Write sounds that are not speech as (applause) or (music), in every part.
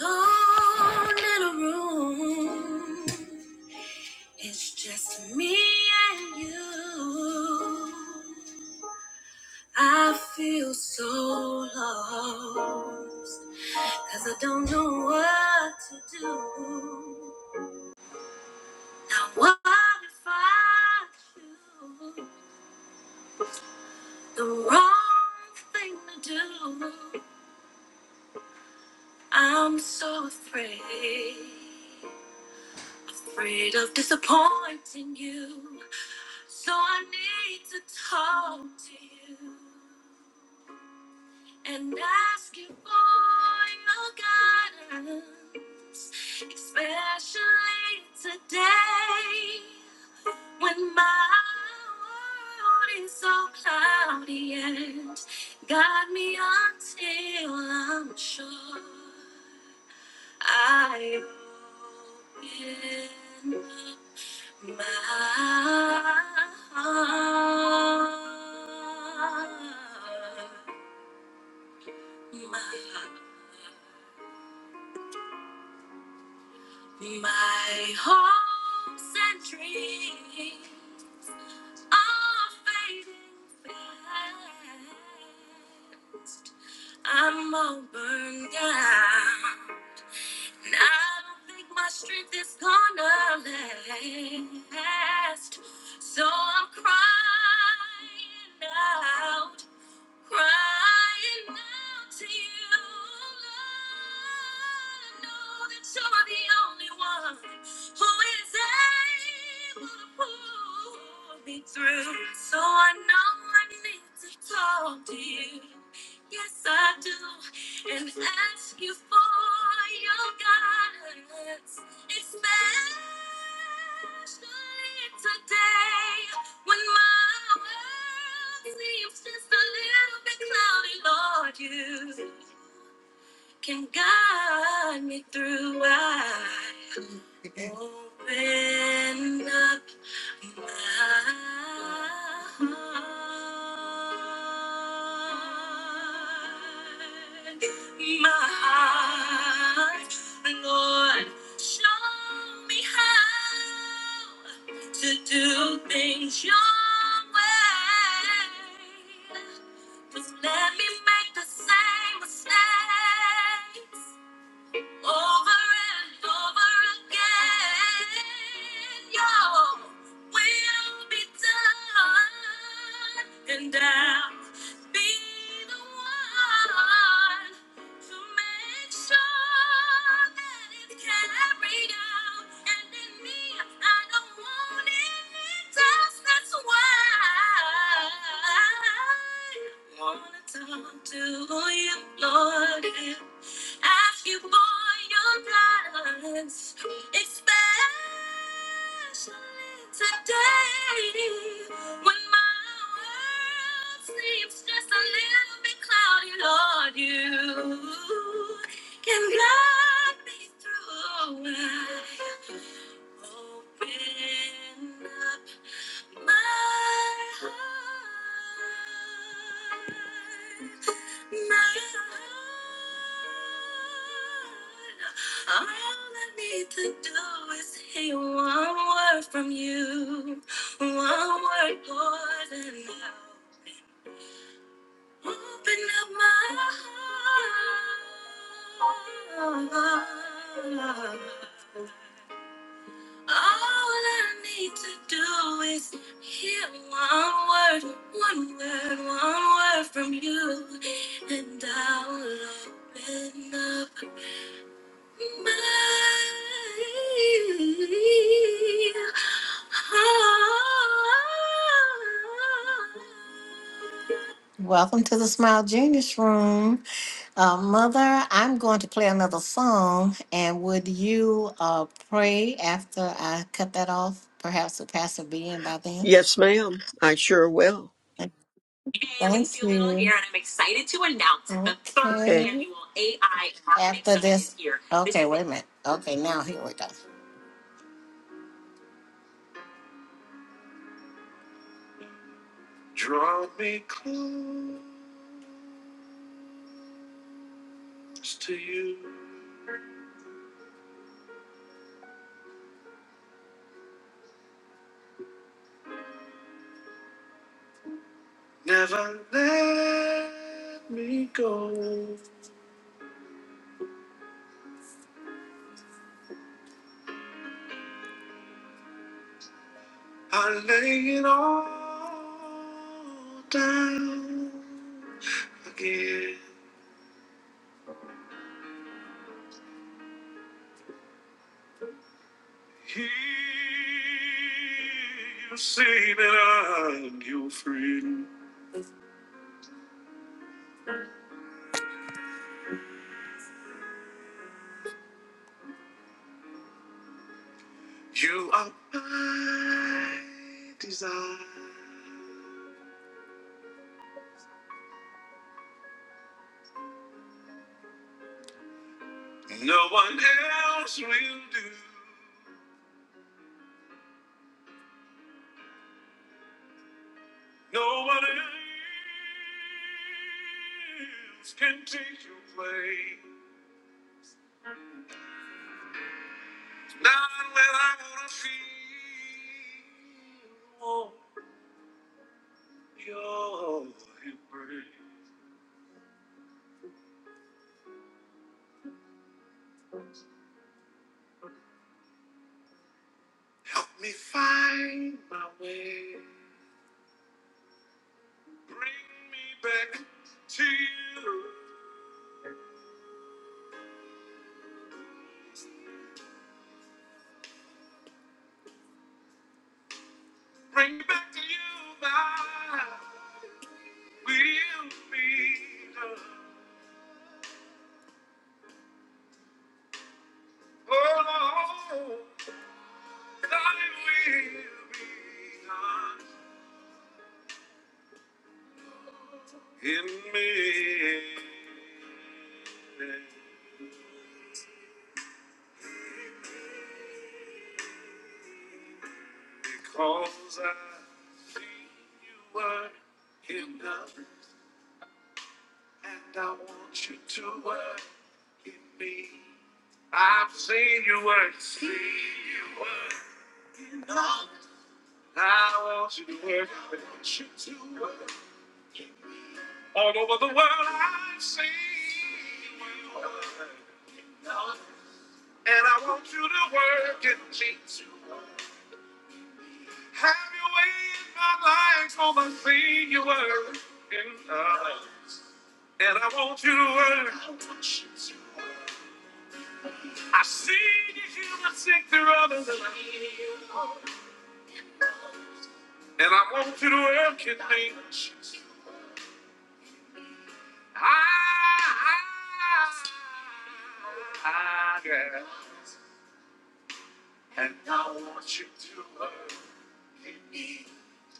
Alone in a room, it's just me and you. I feel so lost, cause I don't know what to do. Now, what if I choose the wrong thing to do? I'm so afraid. Afraid of disappointing you. So I need to talk to you and ask you for your guidance, especially today when my world is so cloudy and got me until I'm sure I open up my heart, my- my hopes and dreams are fading fast. I'm all burned out. And I don't think my strength is gonna last. So I'm crying out. Crying out to you, Lord. I know that you're the only one who is able to pull me through. So I know I need to talk to you. Yes, I do. And ask you for your guidance, especially today. When my world seems just a little bit cloudy, Lord, you can guide me through. I again. Open up my heart, my heart, Lord, show me how to do things your way. Just let me make the same mistakes over and over again, your will be done, and I'll be the one to make sure that it's carried out. And in me, I don't want it else. That's why I wanna talk to you, Lord. Ask you for your guidance, especially today when my world seems just a little bit cloudy. Lord, you can guide me through. Open up my heart, my heart. All I need to do is hear one word from you, one word, Lord, and I'll open up my heart. All I need to do is hear one word, one word, one word from you, and I'll open up my heart. Welcome to the Smile Genius Room. Uh, Mother, I'm going to play another song, and would you uh, pray after I cut that off? Perhaps the pastor will be in by then. Yes, ma'am. I sure will. Thank you. Here, and I'm excited to announce the third Okay. Okay. annual AI. After this, is okay, wait a minute. Okay, now here we go.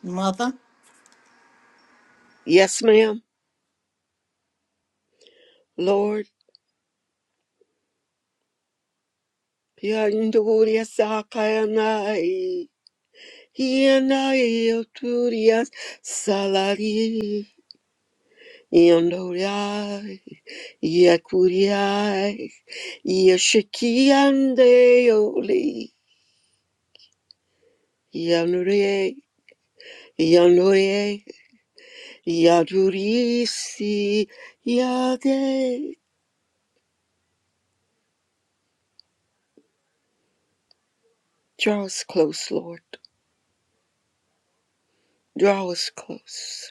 Mother. Yes, ma'am. Lord, Pianduria Sakayanai. Yanai Oturias Salari. Yandoriai. Yakuriai. Yashikiande Oli. Yanure. Yanure. Yadurisi. Yade. Draw us close, Lord. Draw us close.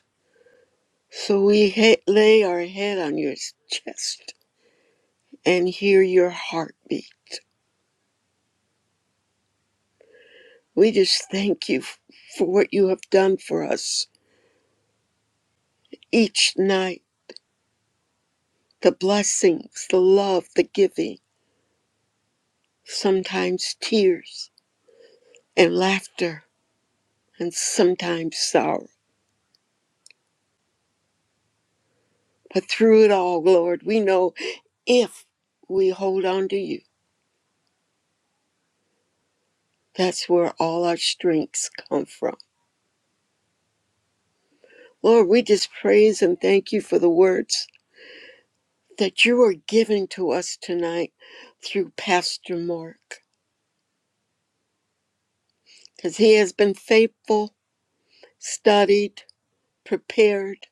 So we he- lay our head on your chest and hear your heartbeat. We just thank you f- for what you have done for us each night the blessings, the love, the giving, sometimes tears and laughter, and sometimes sorrow. But through it all, Lord, we know if we hold on to you, that's where all our strengths come from. Lord, we just praise and thank you for the words that you are giving to us tonight through Pastor Mark, because he has been faithful, studied, prepared,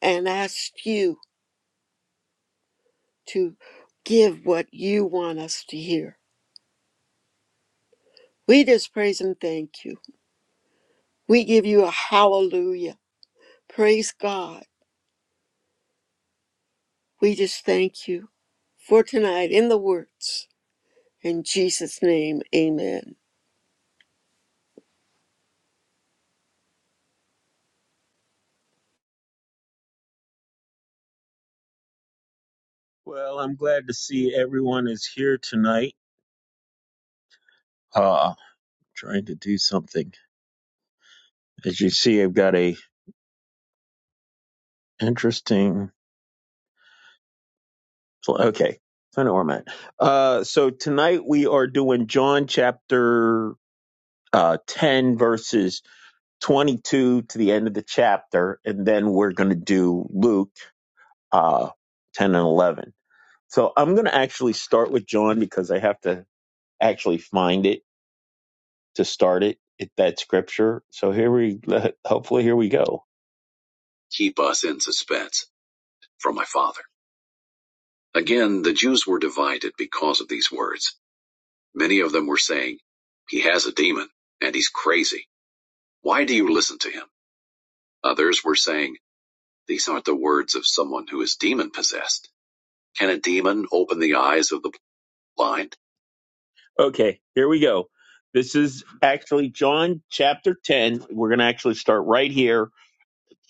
and asked you to give what you want us to hear. We just praise and thank you. We give you a hallelujah. Praise God. We just thank you for tonight in the words. In Jesus' name, amen. Well, I'm glad to see everyone is here tonight. Uh, trying to do something. As you see, I've got a interesting. Okay, I know where I'm at. Uh, so tonight we are doing John chapter uh, 10, verses 22 to the end of the chapter, and then we're going to do Luke uh, 10 and 11. So I'm going to actually start with John because I have to actually find it to start it, it that scripture. So here we (laughs) hopefully here we go. Keep us in suspense from my father. Again, the Jews were divided because of these words. Many of them were saying, He has a demon, and he's crazy. Why do you listen to him? Others were saying, These aren't the words of someone who is demon possessed. Can a demon open the eyes of the blind? Okay, here we go. This is actually John chapter 10. We're going to actually start right here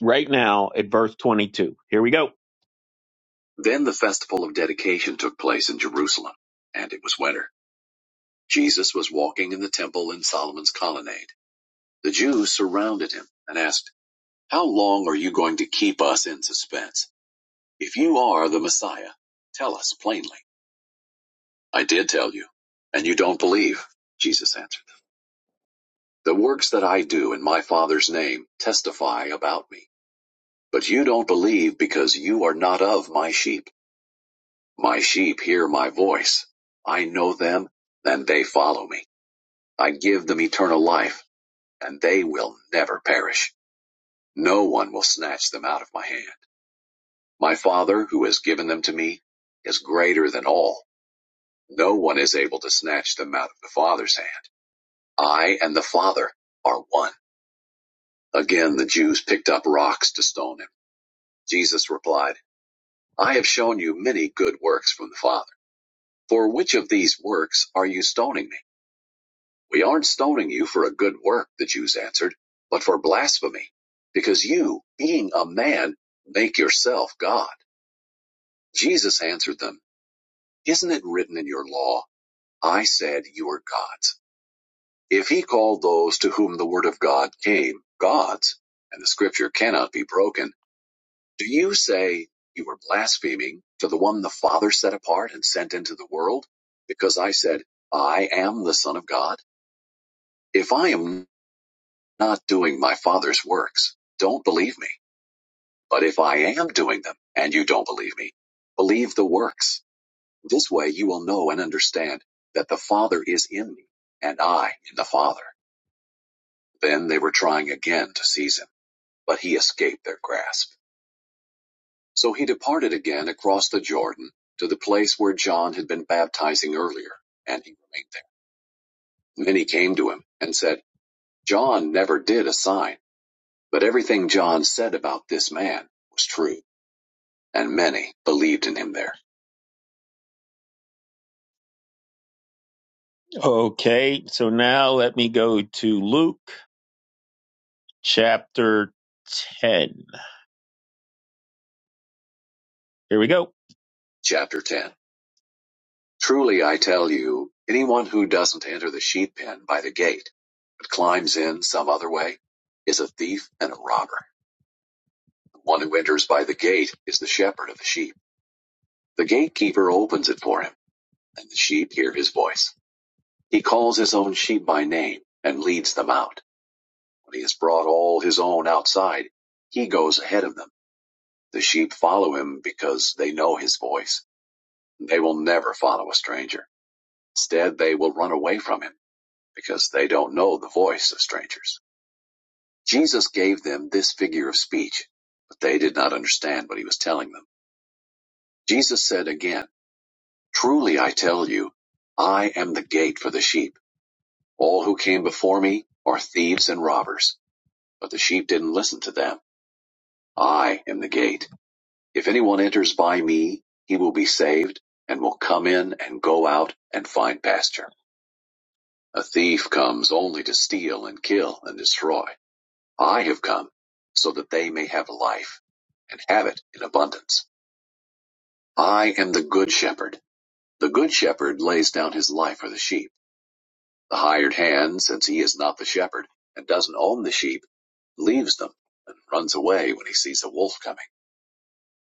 right now at verse 22. Here we go. Then the festival of dedication took place in Jerusalem, and it was winter. Jesus was walking in the temple in Solomon's colonnade. The Jews surrounded him and asked, How long are you going to keep us in suspense? If you are the Messiah, tell us plainly. I did tell you, and you don't believe, Jesus answered them. The works that I do in my Father's name testify about me, but you don't believe because you are not of my sheep. My sheep hear my voice. I know them, and they follow me. I give them eternal life, and they will never perish. No one will snatch them out of my hand. My Father, who has given them to me, is greater than all. No one is able to snatch them out of the Father's hand. I and the Father are one. Again, the Jews picked up rocks to stone him. Jesus replied, I have shown you many good works from the Father. For which of these works are you stoning me? We aren't stoning you for a good work, the Jews answered, but for blasphemy, because you, being a man, make yourself God. Jesus answered them, Isn't it written in your law, I said you are gods? If he called those to whom the word of God came gods, and the scripture cannot be broken, do you say you are blaspheming to the one the Father set apart and sent into the world? Because I said, I am the Son of God? If I am not doing my Father's works. Don't believe me. But if I am doing them and you don't believe me, believe the works. This way you will know and understand that the Father is in me and I in the Father. Then they were trying again to seize him, but he escaped their grasp. So he departed again across the Jordan to the place where John had been baptizing earlier, and he remained there. Many came to him and said, John never did a sign, but everything John said about this man was true and many believed in him there. Okay, so now let me go to Luke chapter 10. Here we go. Chapter 10 Truly I tell you, anyone who doesn't enter the sheep pen by the gate, but climbs in some other way, is a thief and a robber. The one who enters by the gate is the shepherd of the sheep. The gatekeeper opens it for him, and the sheep hear his voice. He calls his own sheep by name and leads them out. When he has brought all his own outside, he goes ahead of them. The sheep follow him because they know his voice. They will never follow a stranger. Instead, they will run away from him because they don't know the voice of strangers. Jesus gave them this figure of speech, but they did not understand what he was telling them. Jesus said again, Truly I tell you, I am the gate for the sheep. All who came before me are thieves and robbers, but the sheep didn't listen to them. I am the gate. If anyone enters by me, he will be saved, and will come in and go out and find pasture. A thief comes only to steal and kill and destroy. I have come so that they may have life and have it in abundance. I am the good shepherd. The good shepherd lays down his life for the sheep. The hired hand, since he is not the shepherd and doesn't own the sheep, leaves them and runs away when he sees a wolf coming.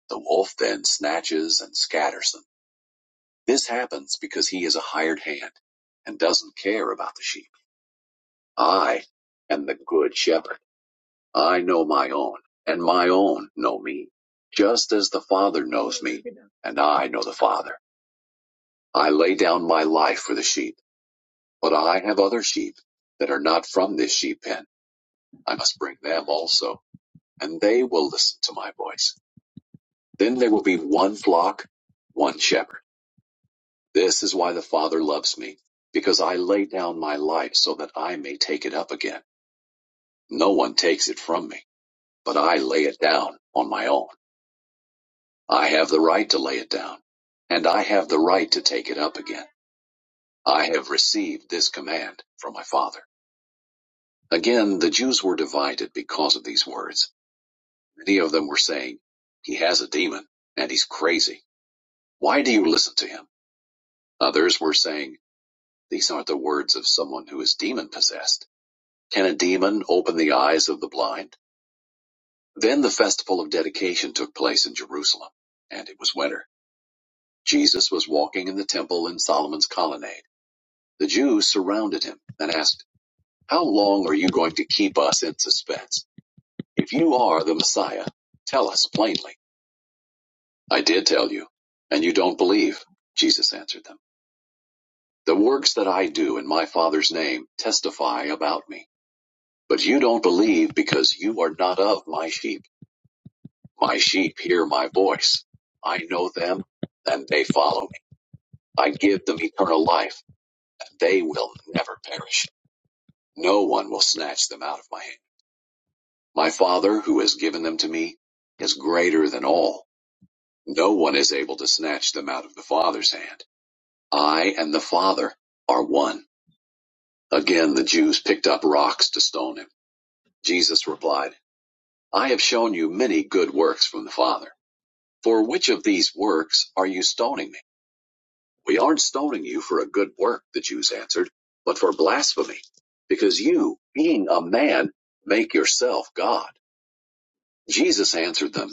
The wolf then snatches and scatters them. This happens because he is a hired hand and doesn't care about the sheep. I am the good shepherd. I know my own, and my own know me, just as the Father knows me, and I know the Father. I lay down my life for the sheep, but I have other sheep that are not from this sheep pen. I must bring them also, and they will listen to my voice. Then there will be one flock, one shepherd. This is why the Father loves me, because I lay down my life so that I may take it up again. No one takes it from me, but I lay it down on my own. I have the right to lay it down, and I have the right to take it up again. I have received this command from my Father. Again, the Jews were divided because of these words. Many of them were saying, He has a demon, and he's crazy. Why do you listen to him? Others were saying, These aren't the words of someone who is demon possessed. Can a demon open the eyes of the blind? Then the festival of dedication took place in Jerusalem, and it was winter. Jesus was walking in the temple in Solomon's colonnade. The Jews surrounded him and asked, How long are you going to keep us in suspense? If you are the Messiah, tell us plainly. I did tell you, and you don't believe, Jesus answered them. The works that I do in my Father's name testify about me, but you don't believe because you are not of my sheep. My sheep hear my voice. I know them, and they follow me. I give them eternal life, and they will never perish. No one will snatch them out of my hand. My Father, who has given them to me, is greater than all. No one is able to snatch them out of the Father's hand. I and the Father are one. Again, the Jews picked up rocks to stone him. Jesus replied, I have shown you many good works from the Father. For which of these works are you stoning me? We aren't stoning you for a good work, the Jews answered, but for blasphemy, because you, being a man, make yourself God. Jesus answered them,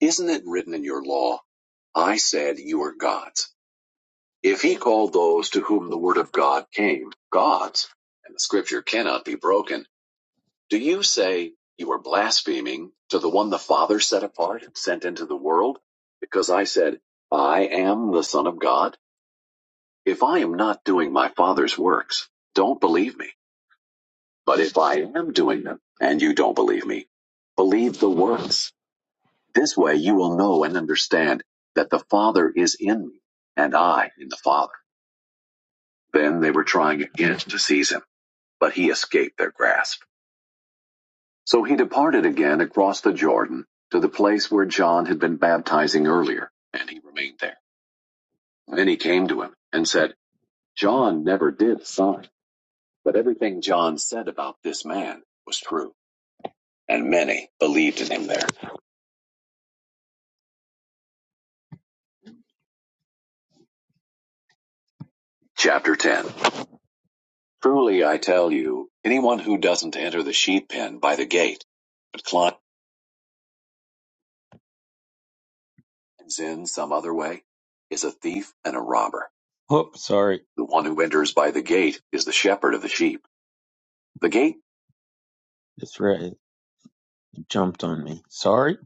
Isn't it written in your law, I said you are gods? If he called those to whom the word of God came gods, and the scripture cannot be broken, do you say you are blaspheming to the one the Father set apart and sent into the world? Because I said, I am the Son of God? If I am not doing my Father's works, don't believe me. But if I am doing them, and you don't believe me, believe the works. This way you will know and understand that the Father is in me, and I in the Father. Then they were trying again to seize him, but he escaped their grasp. So he departed again across the Jordan to the place where John had been baptizing earlier, and he remained there. Many came to him and said, John never did sign But everything John said about this man was true, and many believed in him there. Chapter 10 Truly I tell you, anyone who doesn't enter the sheep pen by the gate, but climbs in some other way, is a thief and a robber. Oh, sorry. The one who enters by the gate is the shepherd of the sheep. The gate? That's right. It jumped on me. Sorry.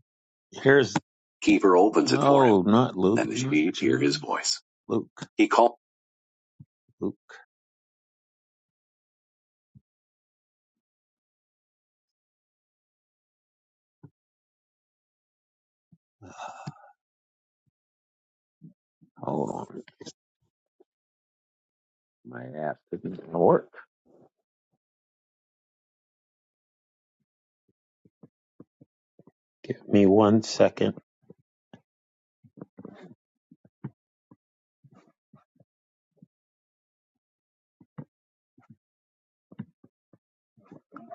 Here's keeper opens it for him, no, him, not Luke. and the sheep hear his voice. Luke. He calls Luke. Hold on. My app didn't work. Give me one second.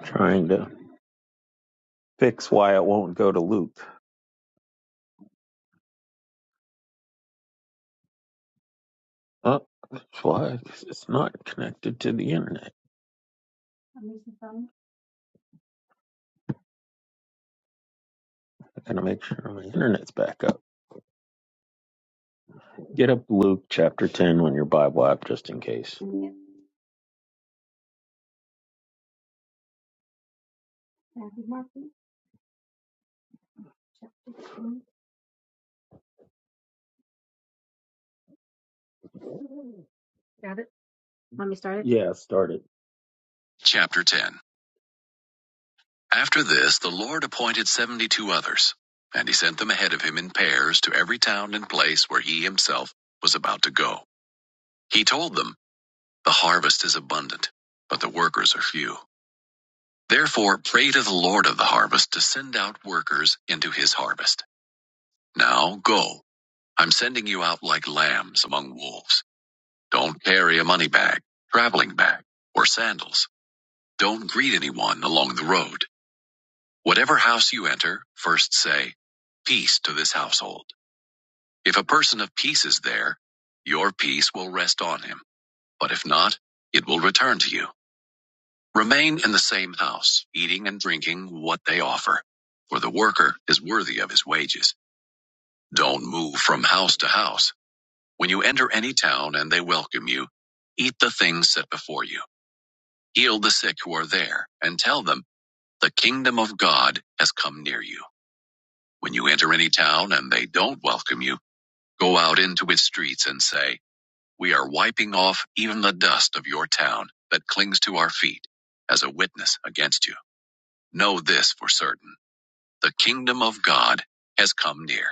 Trying to fix why it won't go to loop. Oh, that's why 'cause it's not connected to the internet. I gotta make sure my internet's back up. Get up Luke chapter 10 on your Bible app just in case. Yeah, start it. Chapter 10 After this, the Lord appointed seventy two others, and he sent them ahead of him in pairs to every town and place where he himself was about to go. He told them, The harvest is abundant, but the workers are few. Therefore, pray to the Lord of the harvest to send out workers into his harvest. Now go. I'm sending you out like lambs among wolves. Don't carry a money bag, traveling bag, or sandals. Don't greet anyone along the road. Whatever house you enter, first say, Peace to this household. If a person of peace is there, your peace will rest on him. But if not, it will return to you. Remain in the same house, eating and drinking what they offer. For the worker is worthy of his wages. Don't move from house to house. When you enter any town and they welcome you, eat the things set before you. Heal the sick who are there, and tell them, The kingdom of God has come near you. When you enter any town and they don't welcome you, go out into its streets and say, We are wiping off even the dust of your town that clings to our feet as a witness against you. Know this for certain the kingdom of God has come near.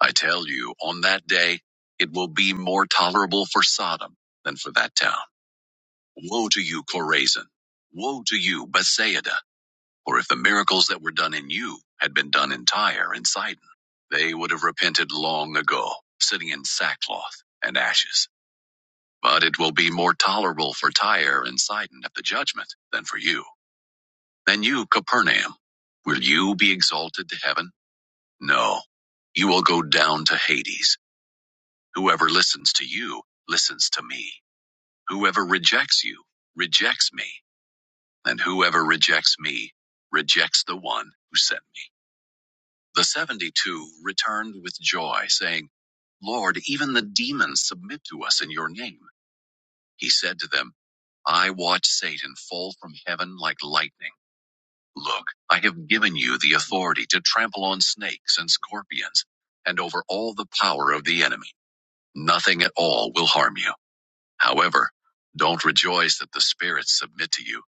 I tell you, on that day, it will be more tolerable for Sodom than for that town. Woe to you, Chorazin! Woe to you, Bethsaida! For if the miracles that were done in you had been done in Tyre and Sidon, they would have repented long ago, sitting in sackcloth and ashes. But it will be more tolerable for Tyre and Sidon at the judgment than for you. Then you, Capernaum, will you be exalted to heaven? No, you will go down to Hades. Whoever listens to you listens to me. Whoever rejects you rejects me. And whoever rejects me rejects the one who sent me. The 72 returned with joy, saying, Lord, even the demons submit to us in your name. He said to them, I watched Satan fall from heaven like lightning. Look, I have given you the authority to trample on snakes and scorpions and over all the power of the enemy. Nothing at all will harm you. However, don't rejoice that the spirits submit to you,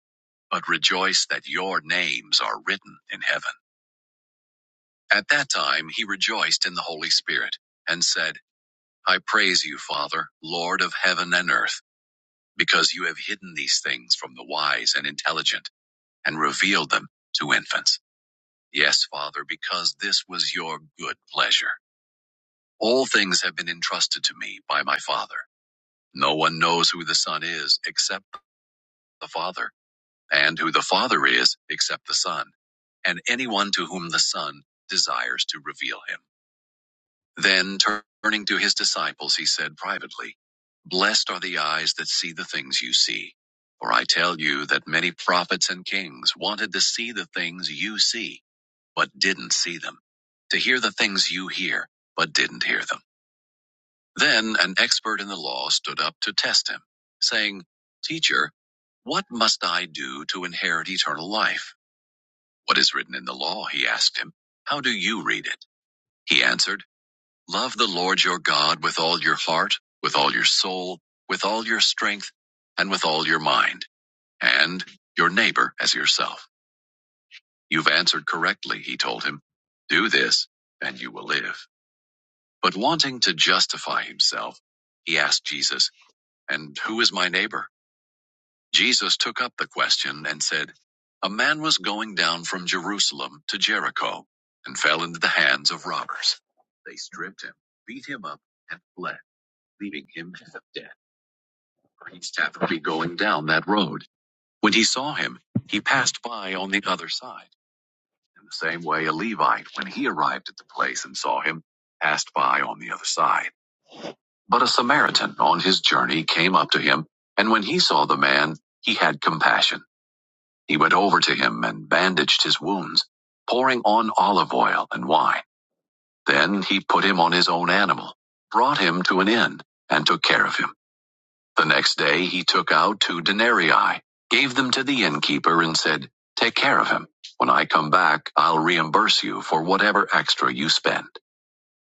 but rejoice that your names are written in heaven. At that time, he rejoiced in the Holy Spirit and said, I praise you, Father, Lord of heaven and earth, because you have hidden these things from the wise and intelligent and revealed them to infants. Yes, Father, because this was your good pleasure. All things have been entrusted to me by my Father. No one knows who the Son is except the Father, and who the Father is except the Son, and anyone to whom the Son desires to reveal him. Then turning to his disciples, he said privately, Blessed are the eyes that see the things you see. For I tell you that many prophets and kings wanted to see the things you see, but didn't see them, to hear the things you hear, but didn't hear them. Then an expert in the law stood up to test him, saying, Teacher, what must I do to inherit eternal life? What is written in the law? He asked him. How do you read it? He answered, Love the Lord your God with all your heart, with all your soul, with all your strength, and with all your mind, and your neighbor as yourself. You've answered correctly, he told him. Do this, and you will live. But wanting to justify himself, he asked Jesus, And who is my neighbor? Jesus took up the question and said, A man was going down from Jerusalem to Jericho and fell into the hands of robbers. They stripped him, beat him up, and fled. leaving him half dead, for he happened to be going down that road. When he saw him, he passed by on the other side. In the same way, a Levite, when he arrived at the place and saw him, passed by on the other side. But a Samaritan on his journey came up to him, and when he saw the man, he had compassion. He went over to him and bandaged his wounds, pouring on olive oil and wine. Then he put him on his own animal, brought him to an inn, and took care of him. The next day he took out two denarii, gave them to the innkeeper, and said, Take care of him. When I come back, I'll reimburse you for whatever extra you spend.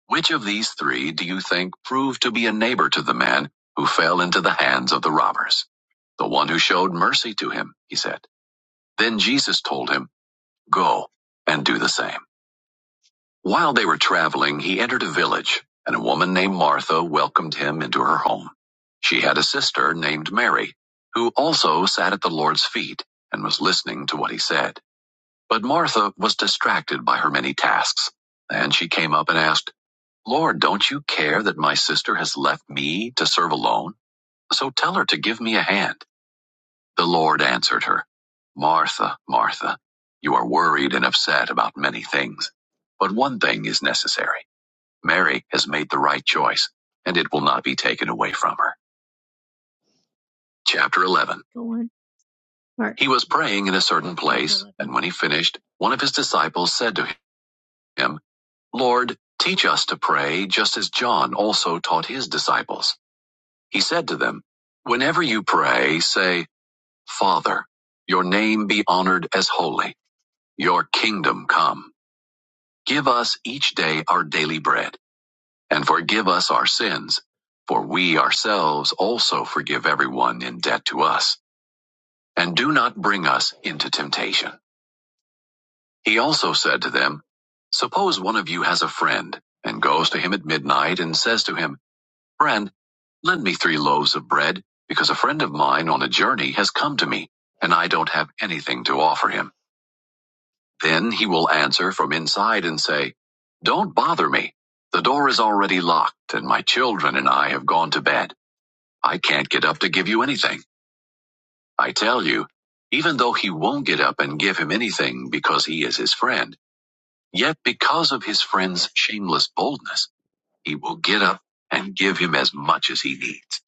Which of these three do you think proved to be a neighbor to the man who fell into the hands of the robbers? The one who showed mercy to him, he said. Then Jesus told him, Go and do the same. While they were traveling, he entered a village, and a woman named Martha welcomed him into her home. She had a sister named Mary, who also sat at the Lord's feet and was listening to what he said. But Martha was distracted by her many tasks, and she came up and asked, Lord, don't you care that my sister has left me to serve alone? So tell her to give me a hand. The Lord answered her, Martha, Martha, you are worried and upset about many things, but one thing is necessary. Mary has made the right choice, and it will not be taken away from her. Chapter 11. Go on. He was praying in a certain place, and when he finished, one of his disciples said to him, Lord, teach us to pray, just as John also taught his disciples. He said to them, Whenever you pray, say, Father, your name be honored as holy, your kingdom come. Give us each day our daily bread and forgive us our sins, for we ourselves also forgive everyone in debt to us, and do not bring us into temptation. He also said to them, Suppose one of you has a friend, and goes to him at midnight and says to him, Friend, lend me three loaves of bread, because a friend of mine on a journey has come to me, and I don't have anything to offer him. Then he will answer from inside and say, Don't bother me. The door is already locked, and my children and I have gone to bed. I can't get up to give you anything. I tell you, even though he won't get up and give him anything because he is his friend, yet because of his friend's shameless boldness, he will get up and give him as much as he needs.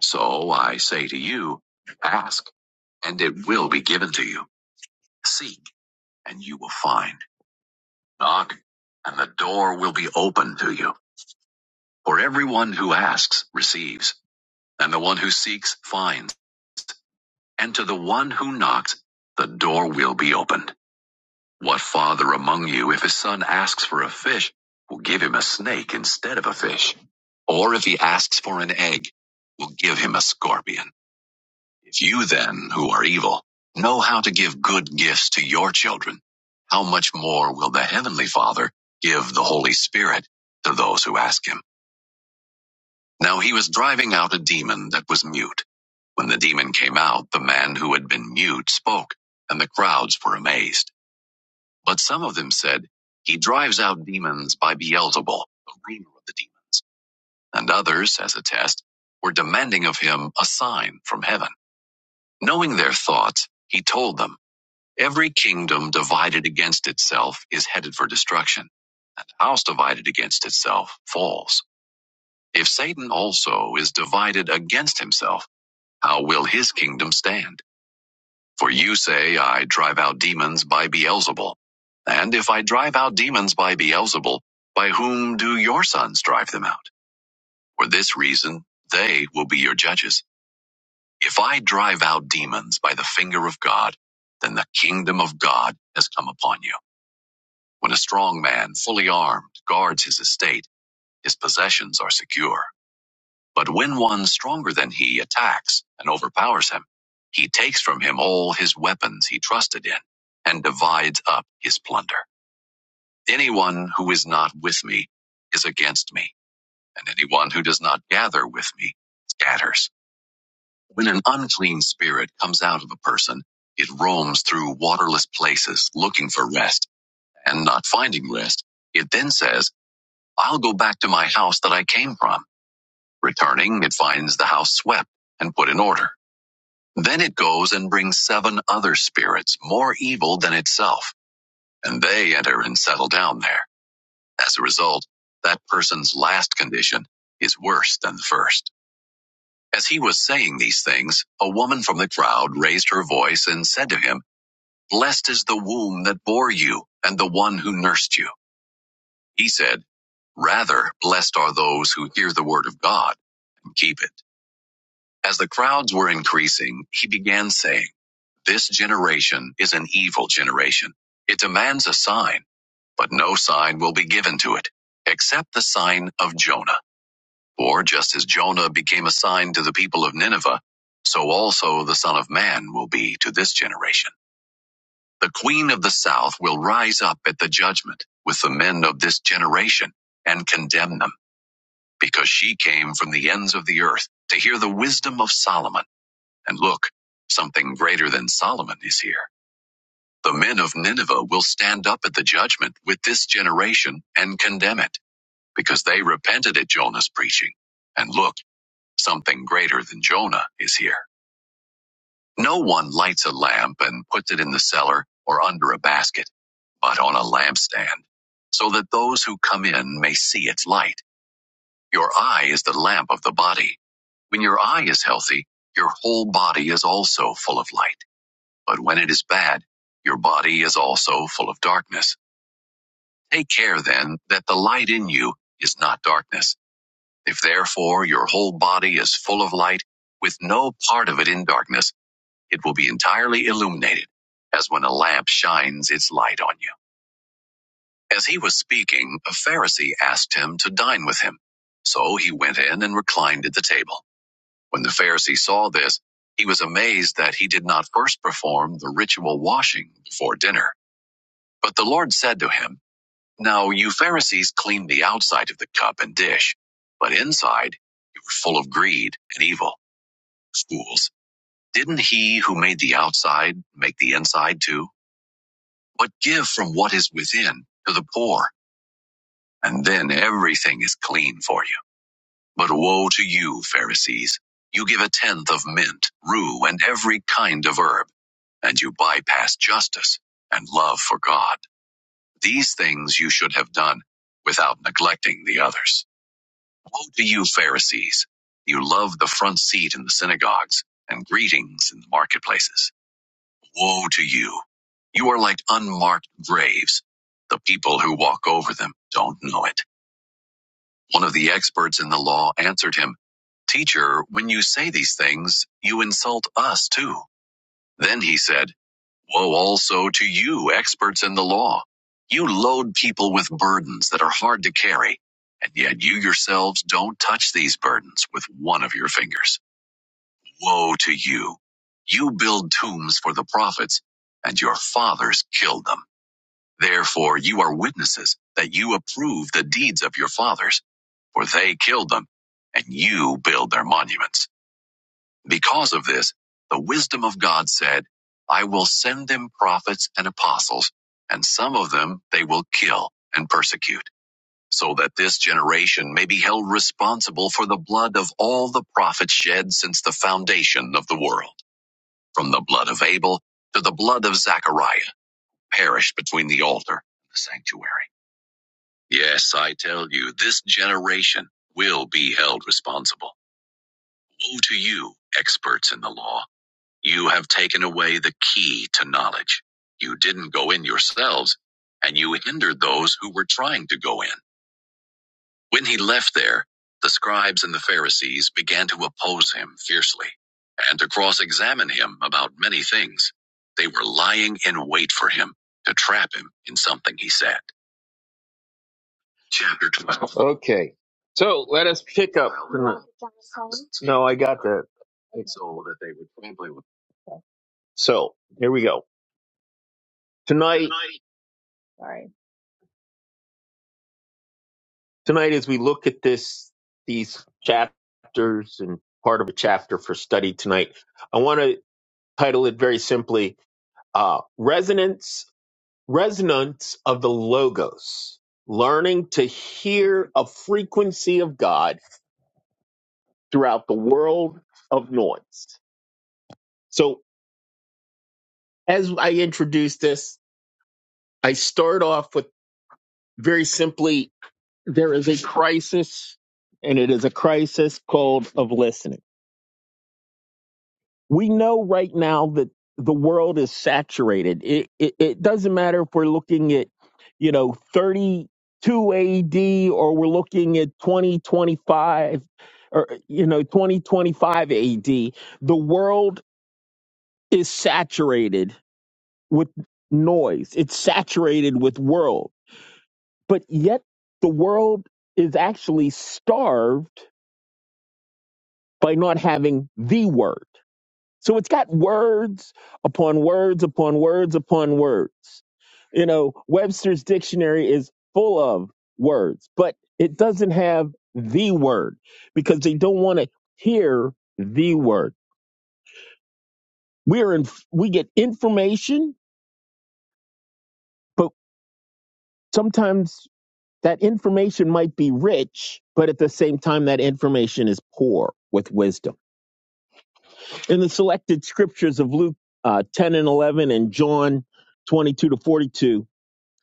So I say to you, ask and it will be given to you. Seek and you will find. Knock and the door will be open to you. For everyone who asks receives and the one who seeks finds. And to the one who knocks, the door will be opened. What father among you, if his son asks for a fish, will give him a snake instead of a fish? Or if he asks for an egg, will give him a scorpion? If you then, who are evil, know how to give good gifts to your children, how much more will the heavenly father give the Holy Spirit to those who ask him? Now he was driving out a demon that was mute. When the demon came out, the man who had been mute spoke, and the crowds were amazed. But some of them said, He drives out demons by Beelzebul, the ruler of the demons. And others, as a test, were demanding of him a sign from heaven. Knowing their thoughts, he told them, Every kingdom divided against itself is headed for destruction, and a house divided against itself falls. If Satan also is divided against himself, How will his kingdom stand? For you say, I drive out demons by Beelzebul. And if I drive out demons by Beelzebul, by whom do your sons drive them out? For this reason, they will be your judges. If I drive out demons by the finger of God, then the kingdom of God has come upon you. When a strong man, fully armed, guards his estate, his possessions are secure. But when one stronger than he attacks and overpowers him, he takes from him all his weapons he trusted in and divides up his plunder. Anyone who is not with me is against me, and anyone who does not gather with me scatters. When an unclean spirit comes out of a person, it roams through waterless places looking for rest and not finding rest. It then says, I'll go back to my house that I came from. Returning, it finds the house swept and put in order. Then it goes and brings seven other spirits more evil than itself, and they enter and settle down there. As a result, that person's last condition is worse than the first. As he was saying these things, a woman from the crowd raised her voice and said to him, Blessed is the womb that bore you and the one who nursed you. He said, Rather, blessed are those who hear the word of God and keep it. As the crowds were increasing, he began saying, This generation is an evil generation. It demands a sign, but no sign will be given to it, except the sign of Jonah. For just as Jonah became a sign to the people of Nineveh, so also the Son of Man will be to this generation. The Queen of the South will rise up at the judgment with the men of this generation and condemn them, because she came from the ends of the earth to hear the wisdom of Solomon. And look, something greater than Solomon is here. The men of Nineveh will stand up at the judgment with this generation and condemn it, because they repented at Jonah's preaching. And look, something greater than Jonah is here. No one lights a lamp and puts it in the cellar or under a basket, but on a lampstand, so that those who come in may see its light. Your eye is the lamp of the body. When your eye is healthy, your whole body is also full of light. But when it is bad, your body is also full of darkness. Take care then that the light in you is not darkness. If therefore your whole body is full of light, with no part of it in darkness, it will be entirely illuminated, as when a lamp shines its light on you. As he was speaking, a Pharisee asked him to dine with him. So he went in and reclined at the table. When the Pharisee saw this, he was amazed that he did not first perform the ritual washing before dinner. But the Lord said to him, Now you Pharisees clean the outside of the cup and dish, but inside you are full of greed and evil. Fools, didn't he who made the outside make the inside too? But give from what is within to the poor, and then everything is clean for you. But woe to you, Pharisees! You give a tenth of mint, rue, and every kind of herb, and you bypass justice and love for God. These things you should have done without neglecting the others. Woe to you, Pharisees! You love the front seat in the synagogues and greetings in the marketplaces. Woe to you! You are like unmarked graves. The people who walk over them don't know it. One of the experts in the law answered him, Teacher, when you say these things, you insult us too. Then he said, Woe also to you, experts in the law. You load people with burdens that are hard to carry, and yet you yourselves don't touch these burdens with one of your fingers. Woe to you. You build tombs for the prophets, and your fathers killed them. Therefore, you are witnesses that you approve the deeds of your fathers, for they killed them, and you build their monuments. Because of this, the wisdom of God said, I will send them prophets and apostles, and some of them they will kill and persecute, so that this generation may be held responsible for the blood of all the prophets shed since the foundation of the world, from the blood of Abel to the blood of Zechariah, perished between the altar and the sanctuary. Yes, I tell you, this generation will be held responsible. Woe to you, experts in the law You have taken away the key to knowledge. You didn't go in yourselves, and you hindered those who were trying to go in. When he left there, the scribes and the Pharisees began to oppose him fiercely and to cross examine him about many things. They were lying in wait for him to trap him in something he said. Chapter 12. Okay. So let us pick up. No, I got that. So that they would trample him. So here we go. Tonight, Sorry. tonight as we look at this these chapters and part of a chapter for study tonight i want to title it very simply uh, resonance resonance of the logos learning to hear a frequency of god throughout the world of noise so as i introduce this i start off with very simply there is a crisis and it is a crisis called of listening we know right now that the world is saturated. It, it it doesn't matter if we're looking at, you know, 32 AD or we're looking at 2025 or you know 2025 AD. The world is saturated with noise. It's saturated with world. But yet the world is actually starved by not having the word So it's got words upon words upon words upon words. You know, Webster's dictionary is full of words, but it doesn't have the word because they don't want to hear the word. We're in, we get information, but sometimes that information might be rich, but at the same time, that information is poor with wisdom. In the selected scriptures of Luke uh, 10 and 11 and John 22 to 42,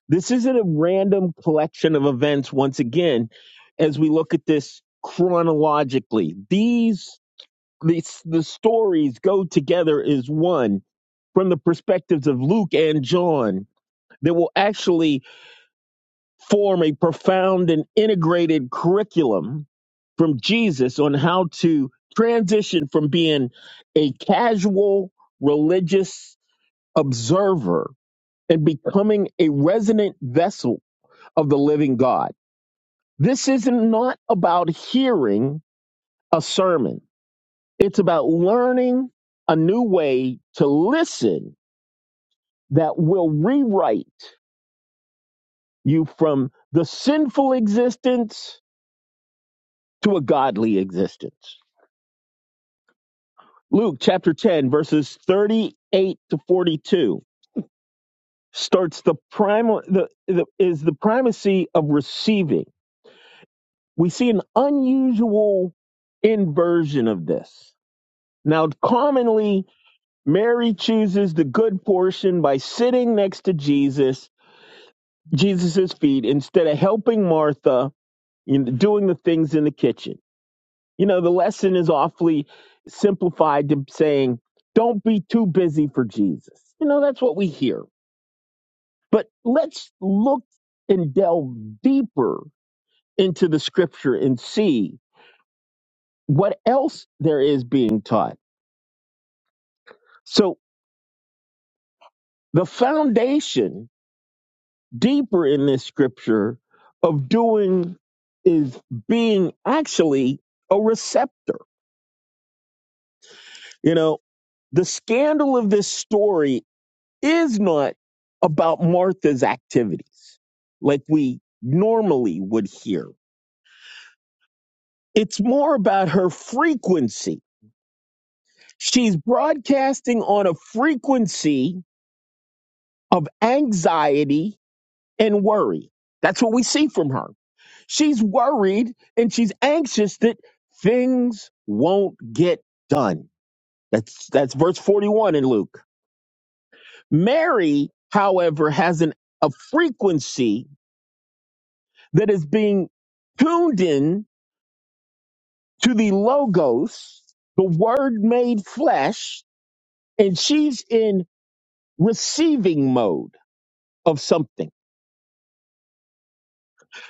This isn't a random collection of events, once again, as we look at this chronologically. These, these the stories go together as one from the perspectives of Luke and John that will actually form a profound and integrated curriculum from Jesus on how to transition from being a casual religious observer and becoming a resonant vessel of the living God. This is not about hearing a sermon. It's about learning a new way to listen that will rewrite you from the sinful existence to a godly existence. Luke chapter 10 verses 38 to 42 starts the primal the, the is the primacy of receiving. We see an unusual inversion of this. Now commonly Mary chooses the good portion by sitting next to Jesus, Jesus's feet, instead of helping Martha in doing the things in the kitchen. You know, the lesson is awfully simplified to saying, don't be too busy for Jesus. You know, that's what we hear. But let's look and delve deeper into the scripture and see what else there is being taught. So the foundation deeper in this scripture of doing is being actually a receptor. You know, the scandal of this story is not about Martha's activities like we normally would hear. It's more about her frequency. She's broadcasting on a frequency of anxiety and worry. That's what we see from her. She's worried and she's anxious that things won't get done. That's that's verse 41 in Luke. Mary, however, has an a frequency that is being tuned in to the logos, the word made flesh, and she's in receiving mode of something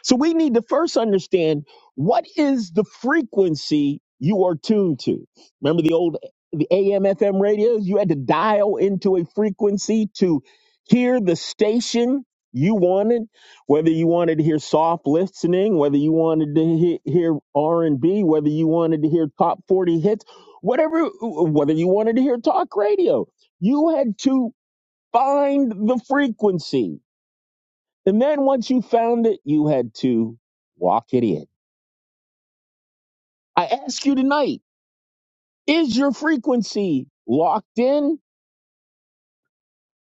So we need to first understand what is the frequency you are tuned to. Remember the old the AM FM radios? You had to dial into a frequency to hear the station you wanted, whether you wanted to hear soft listening, whether you wanted to he- hear R&B, whether you wanted to hear top 40 hits, whatever whether you wanted to hear talk radio. You had to find the frequency and then once you found it, you had to lock it in. I ask you tonight is your frequency locked in,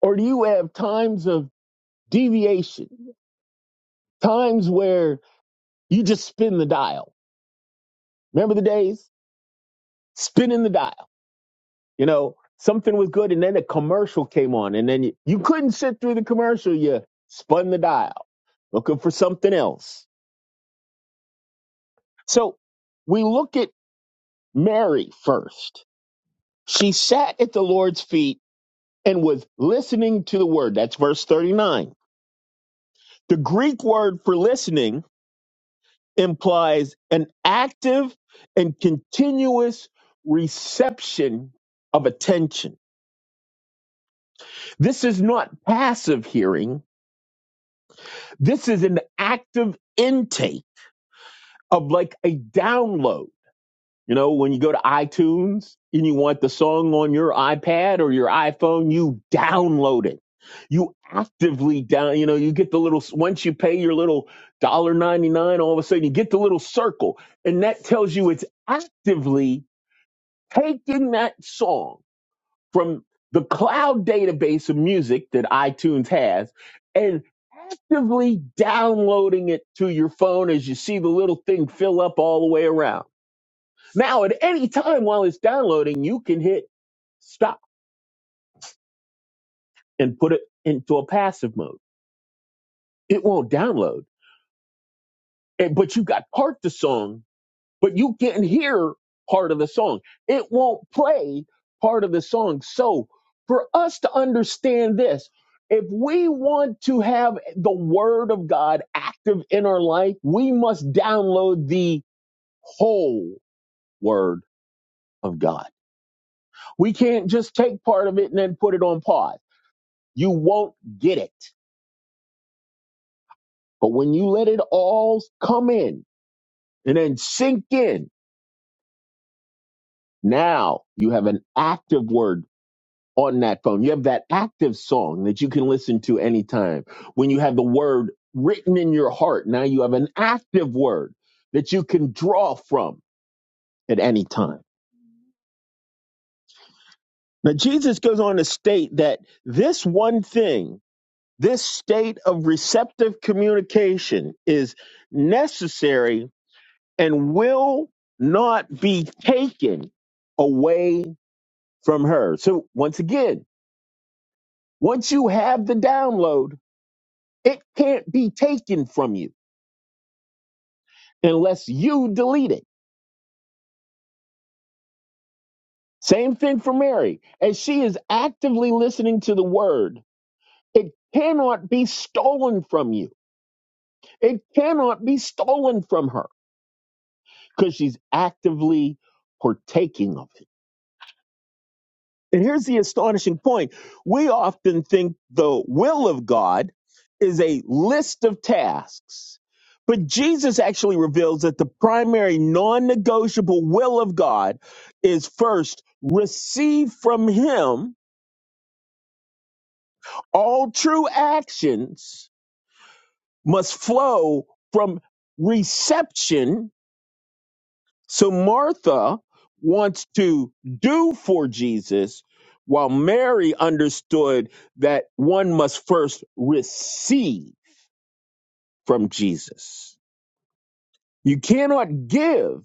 or do you have times of deviation, times where you just spin the dial? Remember the days? Spinning the dial. You know, something was good, and then a commercial came on, and then you, you couldn't sit through the commercial. You spun the dial looking for something else. So we look at Mary first. She sat at the Lord's feet and was listening to the word. That's verse 39. The Greek word for listening implies an active and continuous reception of attention. This is not passive hearing, this is an active intake of like a download You know, when you go to iTunes and you want the song on your iPad or your iPhone, you download it. You actively down, you know, you get the little, once you pay your little ninety nine, all of a sudden you get the little circle. And that tells you it's actively taking that song from the cloud database of music that iTunes has and actively downloading it to your phone as you see the little thing fill up all the way around now, at any time while it's downloading, you can hit stop and put it into a passive mode. It won't download, And- but you got part the song, but you can not hear part of the song. It won't play part of the song. So for us to understand this, if we want to have the word of God active in our life, we must download the whole word of God. We can't just take part of it and then put it on pause you won't get it. But when you let it all come in and then sink in, now you have an active word on that phone. You have that active song that you can listen to anytime. When you have the word written in your heart, now you have an active word that you can draw from at any time. Now, Jesus goes on to state that this one thing, this state of receptive communication is necessary and will not be taken away from her. So, once again, once you have the download, it can't be taken from you unless you delete it. Same thing for Mary. As she is actively listening to the word, it cannot be stolen from you. It cannot be stolen from her because she's actively partaking of it. And here's the astonishing point we often think the will of God is a list of tasks, but Jesus actually reveals that the primary non negotiable will of God is first receive from Him all true actions must flow from reception So Martha wants to do for Jesus, while Mary understood that one must first receive from Jesus. You cannot give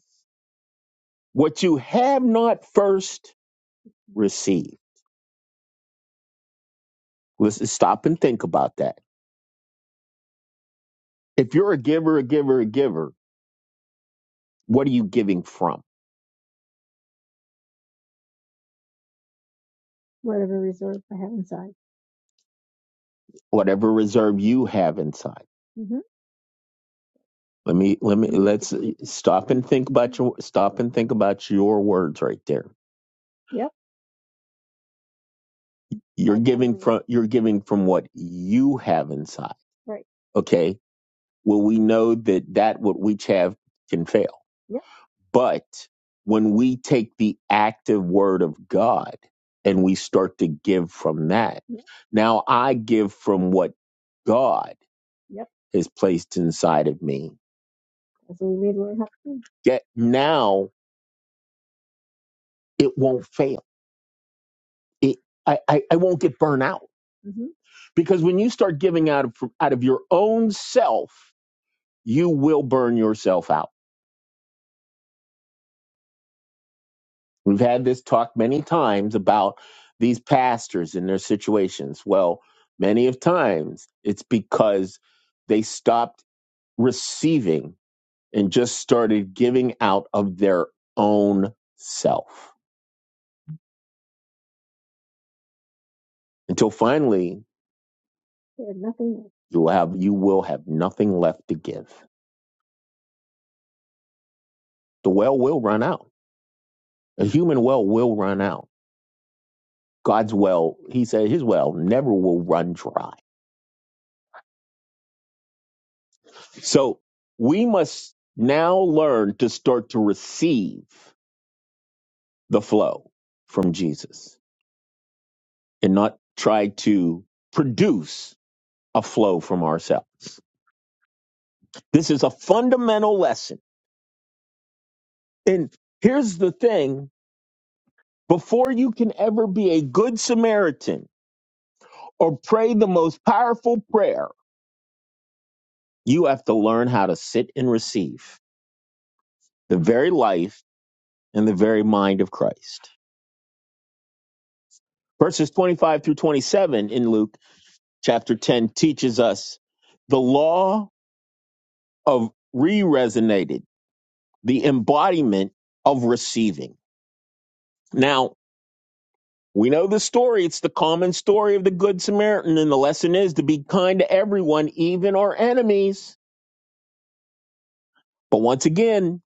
what you have not first received. Let's stop and think about that. If you're a giver, a giver, a giver, what are you giving from? Whatever reserve I have inside. Whatever reserve you have inside. Let me let me let's stop and think about your stop and think about your words right there. Yep. You're I giving agree. from you're giving from what you have inside. Right. Okay. Well, we know that that what we have can fail, Yep. but when we take the active word of God and we start to give from that, Yep. now I give from what God Yep. has placed inside of me. That's what we made learn how to Get now. it won't fail. It, I, I, I won't get burnt out hmm because when you start giving out of out of your own self, you will burn yourself out. We've had this talk many times about these pastors and their situations. Well, many of times it's because they stopped receiving and just started giving out of their own self until finally There's nothing. left. you will have you will have nothing left to give. The well will run out. A human well will run out. God's well, he said, his well never will run dry. So we must now learn to start to receive the flow from Jesus and not try to produce a flow from ourselves. This is a fundamental lesson. And here's the thing before you can ever be a good Samaritan or pray the most powerful prayer, you have to learn how to sit and receive the very life and the very mind of Christ. Verses 25 through 27 in Luke chapter 10 teaches us the law of re resonated, the embodiment of receiving. Now, we know the story. It's the common story of the Good Samaritan, and the lesson is to be kind to everyone, even our enemies. But once again,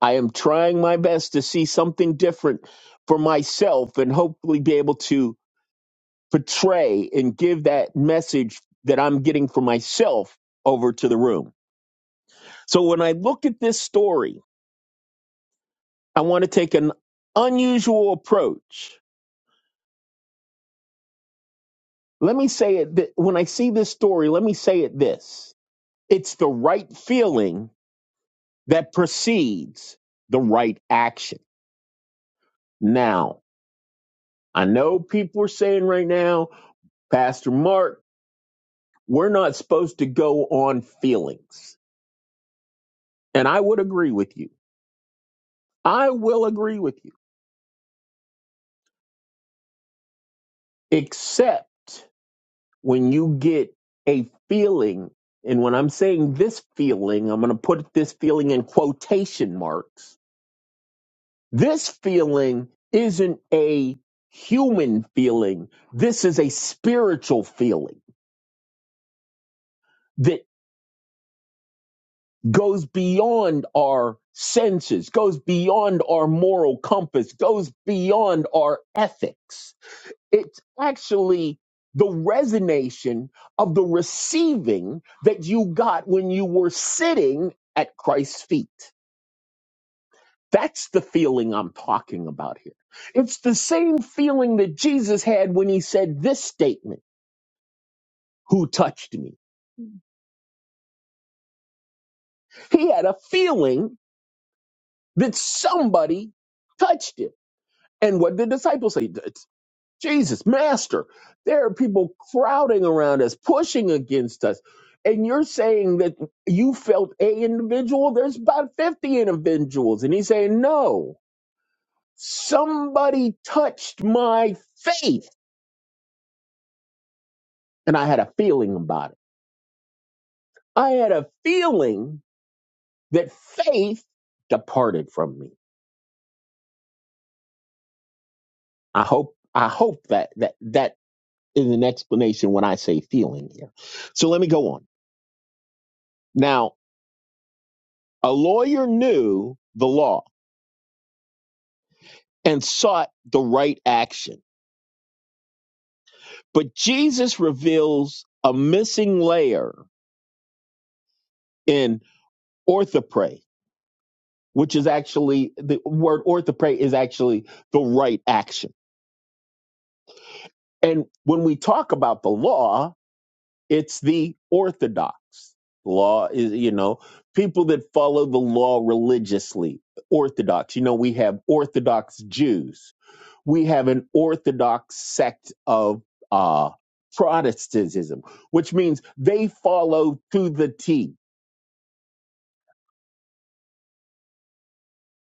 I am trying my best to see something different for myself and hopefully be able to portray and give that message that I'm getting for myself over to the room. So when I look at this story, I want to take an unusual approach. Let me say it th- when I see this story, let me say it this. It's the right feeling that precedes the right action. Now, I know people are saying right now, Pastor Mark, we're not supposed to go on feelings. And I would agree with you. I will agree with you except when you get a feeling. And when I'm saying this feeling, I'm going to put this feeling in quotation marks. This feeling isn't a human feeling. This is a spiritual feeling that goes beyond our senses, goes beyond our moral compass, goes beyond our ethics It's actually the resonation of the receiving that you got when you were sitting at Christ's feet. That's the feeling I'm talking about here. It's the same feeling that Jesus had when he said this statement, Who touched me? He had a feeling that somebody touched him. And what did the disciples say? Jesus, Master, there are people crowding around us, pushing against us. And you're saying that you felt a individual, there's about 50 individuals. And he's saying, No, somebody touched my faith. And I had a feeling about it. I had a feeling that faith departed from me. I hope, I hope that that that is an explanation when I say feeling here. So let me go on. Now, a lawyer knew the law and sought the right action. But Jesus reveals a missing layer in orthopray, which is actually the word orthopray is actually the right action. And when we talk about the law, it's the orthodox law is you know people that follow the law religiously orthodox you know we have orthodox jews we have an orthodox sect of uh, Protestantism, which means they follow to the T.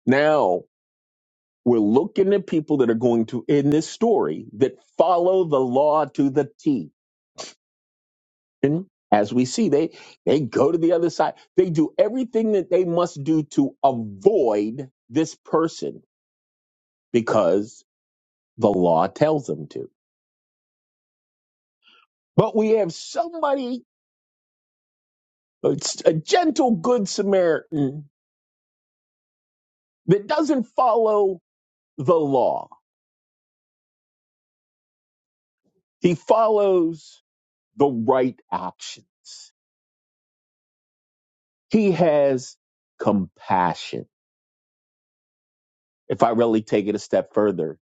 Now, we're looking at people that are going to, in this story, that follow the law to the T. And as we see, they, they go to the other side. They do everything that they must do to avoid this person because the law tells them to. But we have somebody, a a gentle good Samaritan that doesn't follow the law. He follows the right actions. He has compassion. If I really take it a step further,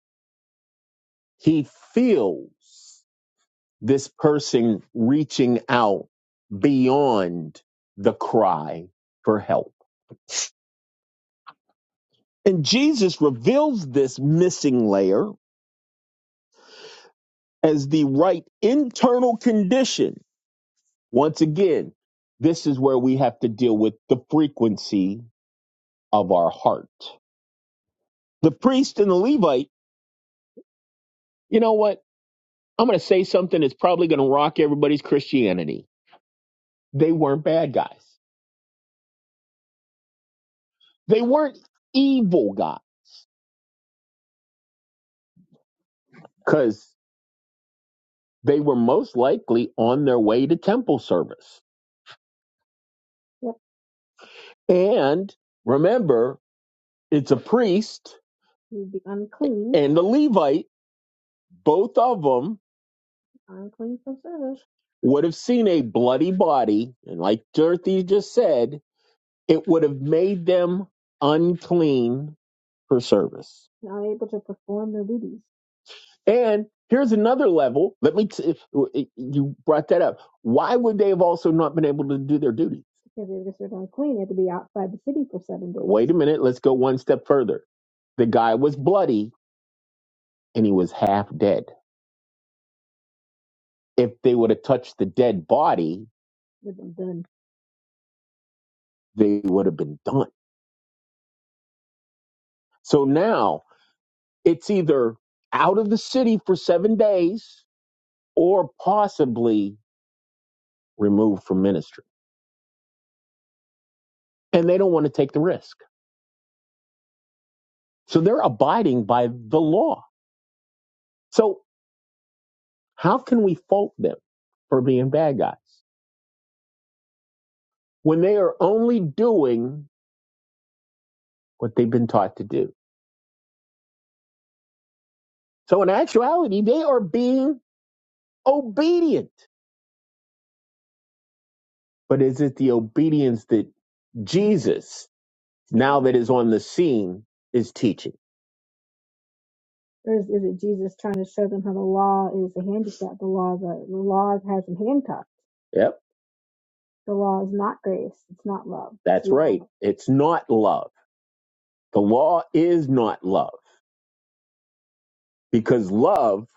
he feels this person reaching out beyond the cry for help. And Jesus reveals this missing layer as the right internal condition. Once again, this is where we have to deal with the frequency of our heart. The priest and the Levite, you know what? I'm going to say something that's probably going to rock everybody's Christianity. They weren't bad guys. They weren't evil guys because they were most likely on their way to temple service. Yep. And remember, it's a priest You'd be unclean, and a Levite, both of them unclean from service. would have seen a bloody body. And like Dorothy just said, It would have made them unclean for service. not able to perform their duties. And here's another level. Let me, t- if you brought that up, why would they have also not been able to do their duty? Because they were considered unclean, they had to be outside the city for seven days. wait a minute, let's go one step further. The guy was bloody and he was half dead. If they would have touched the dead body, They've been done. they would have been done. So now it's either out of the city for seven days or possibly removed from ministry. And they don't want to take the risk. So they're abiding by the law. So how can we fault them for being bad guys when they are only doing what they've been taught to do? So in actuality, they are being obedient. But is it the obedience that Jesus, now that is on the scene, is teaching? Or is, is it Jesus trying to show them how the law is a handicap? The law, the, the law has them handcuffed. The law is not grace. It's not love. It's That's You right. lukewarm. It's not love. The law is not love because love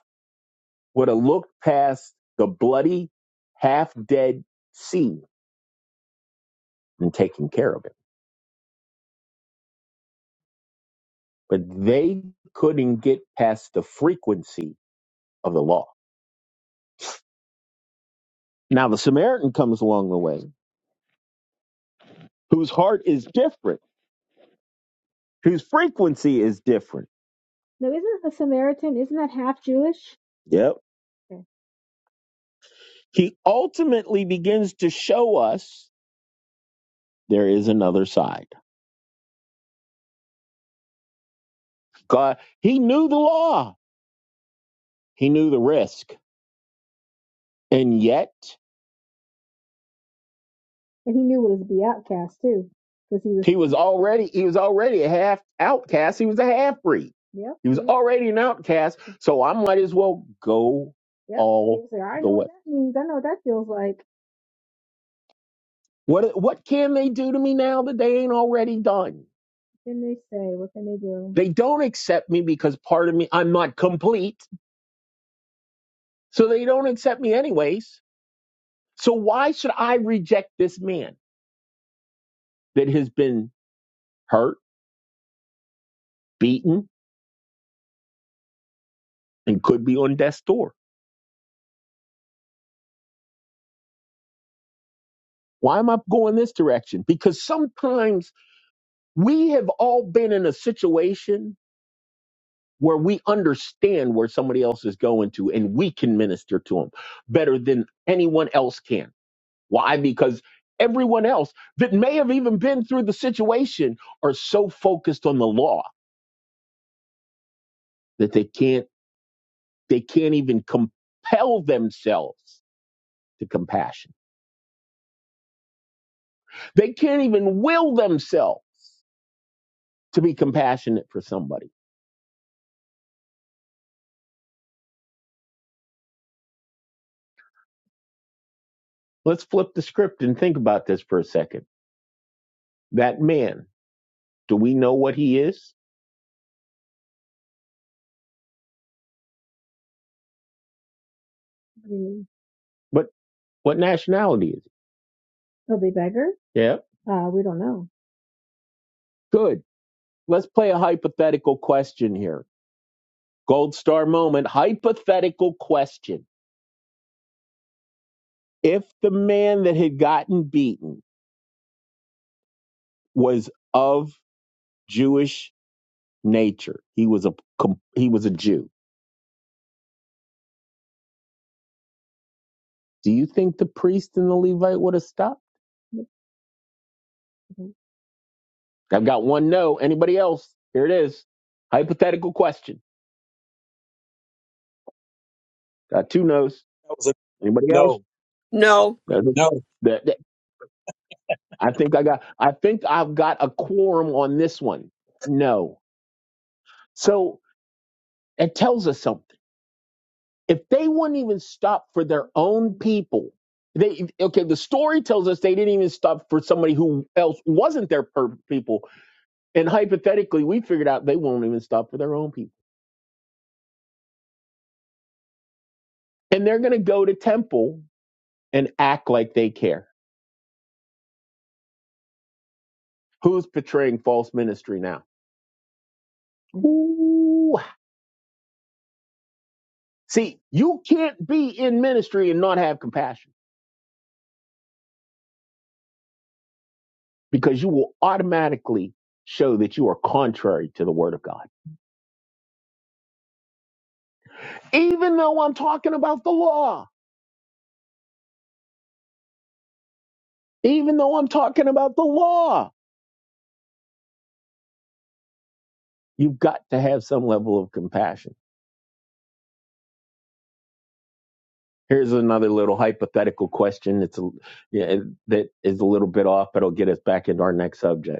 would have looked past the bloody, half dead sea and taken care of it. But they couldn't get past the frequency of the law. Now, the Samaritan comes along the way whose heart is different, whose frequency is different. No, isn't the Samaritan, isn't that half Jewish? Yep. Okay. He ultimately begins to show us there is another side. God, he knew the law, he knew the risk, and yet And he knew it was be outcast too, because he was. he was already he was already a half outcast. He was a half breed. Yep. He was He already an outcast. So I might as well go Yep. He all was like, I the know way. what that means. I know what that feels like. What what can they do to me now that they ain't already done? Then they say, what can they do? They don't accept me because part of me I'm not complete. So they don't accept me anyways. So why should I reject this man that has been hurt, beaten, and could be on death's door? Why am I going this direction? Because sometimes we have all been in a situation where we understand where somebody else is going to and we can minister to them better than anyone else can. Why? Because everyone else that may have even been through the situation are so focused on the law that they can't they can't even compel themselves to compassion They can't even will themselves to be compassionate for somebody. Let's flip the script and think about this for a second. That man, do we know what he is? Mm. But what nationality is He'll he He'll be beggar? Yeah. Uh, we don't know. Good. Let's play a hypothetical question here. Gold star moment. Hypothetical question. If the man that had gotten beaten was of Jewish nature, he was a he was a Jew Do you think the priest and the Levite would have stopped? I've got one no. Anybody else? Here it is. Hypothetical question. Got two no's. That was a Anybody else? no, No, That- no, that- that- I think I got. I think I've got a quorum on this one. No. So it tells us something. If they wouldn't even stop for their own people, they okay. The story tells us they didn't even stop for somebody who else wasn't their per- people, and hypothetically, we figured out they won't even stop for their own people. and they're going to go to temple and act like they care. Who's portraying false ministry now? Ooh. See, you can't be in ministry and not have compassion because you will automatically show that you are contrary to the word of God. Even though I'm talking about the law, even though I'm talking about the law, you've got to have some level of compassion. Here's another little hypothetical question. It's a, yeah, that is a little bit off, but it'll get us back into our next subject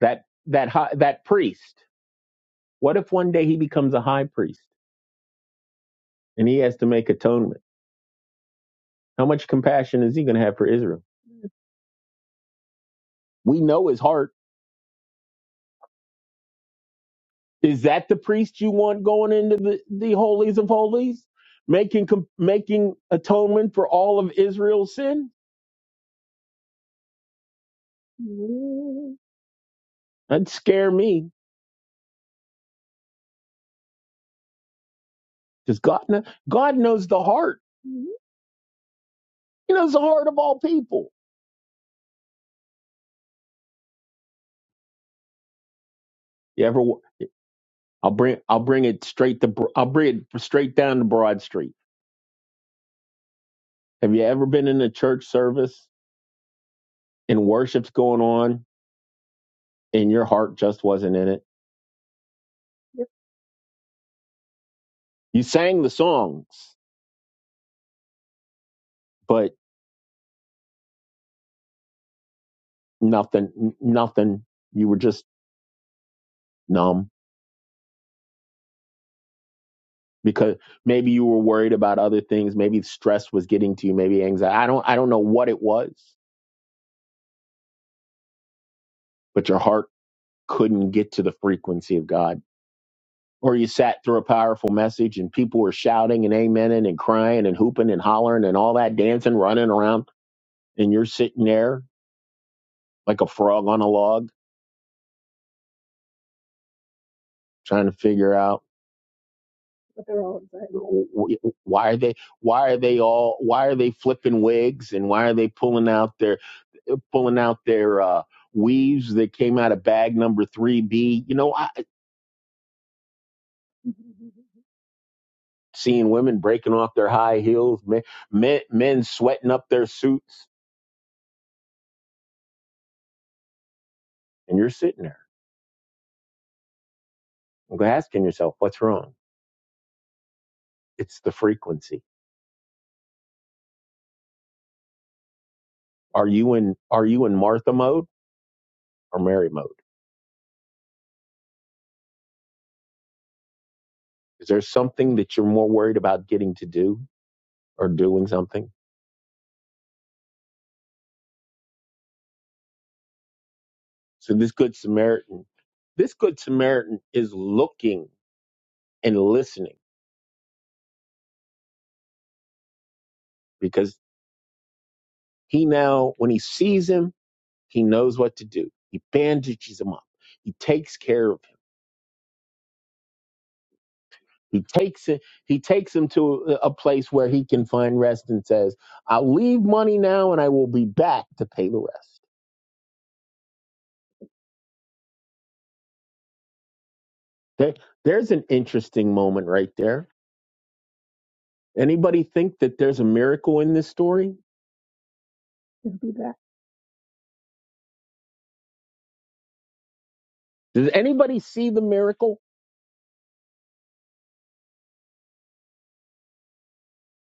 that that high, that priest what if one day he becomes a high priest and he has to make atonement how much compassion is he going to have for israel we know his heart is that the priest you want going into the, the holies of holies making com- making atonement for all of israel's sin that'd scare me because god, kn- god knows the heart he knows the heart of all people you ever wa- i'll bring i'll bring it straight to Bro- i'll bring it straight down to broad street Have you ever been in a church service and worship's going on and your heart just wasn't in it? Yep. You sang the songs, but nothing, n- nothing. You were just numb because maybe you were worried about other things. Maybe stress was getting to you. Maybe anxiety. I don't, I don't know what it was, but your heart couldn't get to the frequency of God. Or you sat through a powerful message and people were shouting and amening and crying and hooping and hollering and all that dancing, running around. And you're sitting there like a frog on a log, trying to figure out But they're all excited. why are they why are they all why are they flipping wigs and why are they pulling out their uh, pulling out their uh, weaves that came out of bag number three B. You know, I, seeing women breaking off their high heels, men, men men sweating up their suits, and you're sitting there asking yourself, what's wrong? It's the frequency. Are you in are you in Martha mode or Mary mode? Is there something that you're more worried about getting to do or doing something? So this good Samaritan, this good Samaritan is looking and listening because he now, when he sees him, he knows what to do. He bandages him up. He takes care of him. He takes it. He takes him to a a place where he can find rest and says, "I'll leave money now, and I will be back to pay the rest." There, there's an interesting moment right there. Anybody think that there's a miracle in this story? It'll be back. Does anybody see the miracle?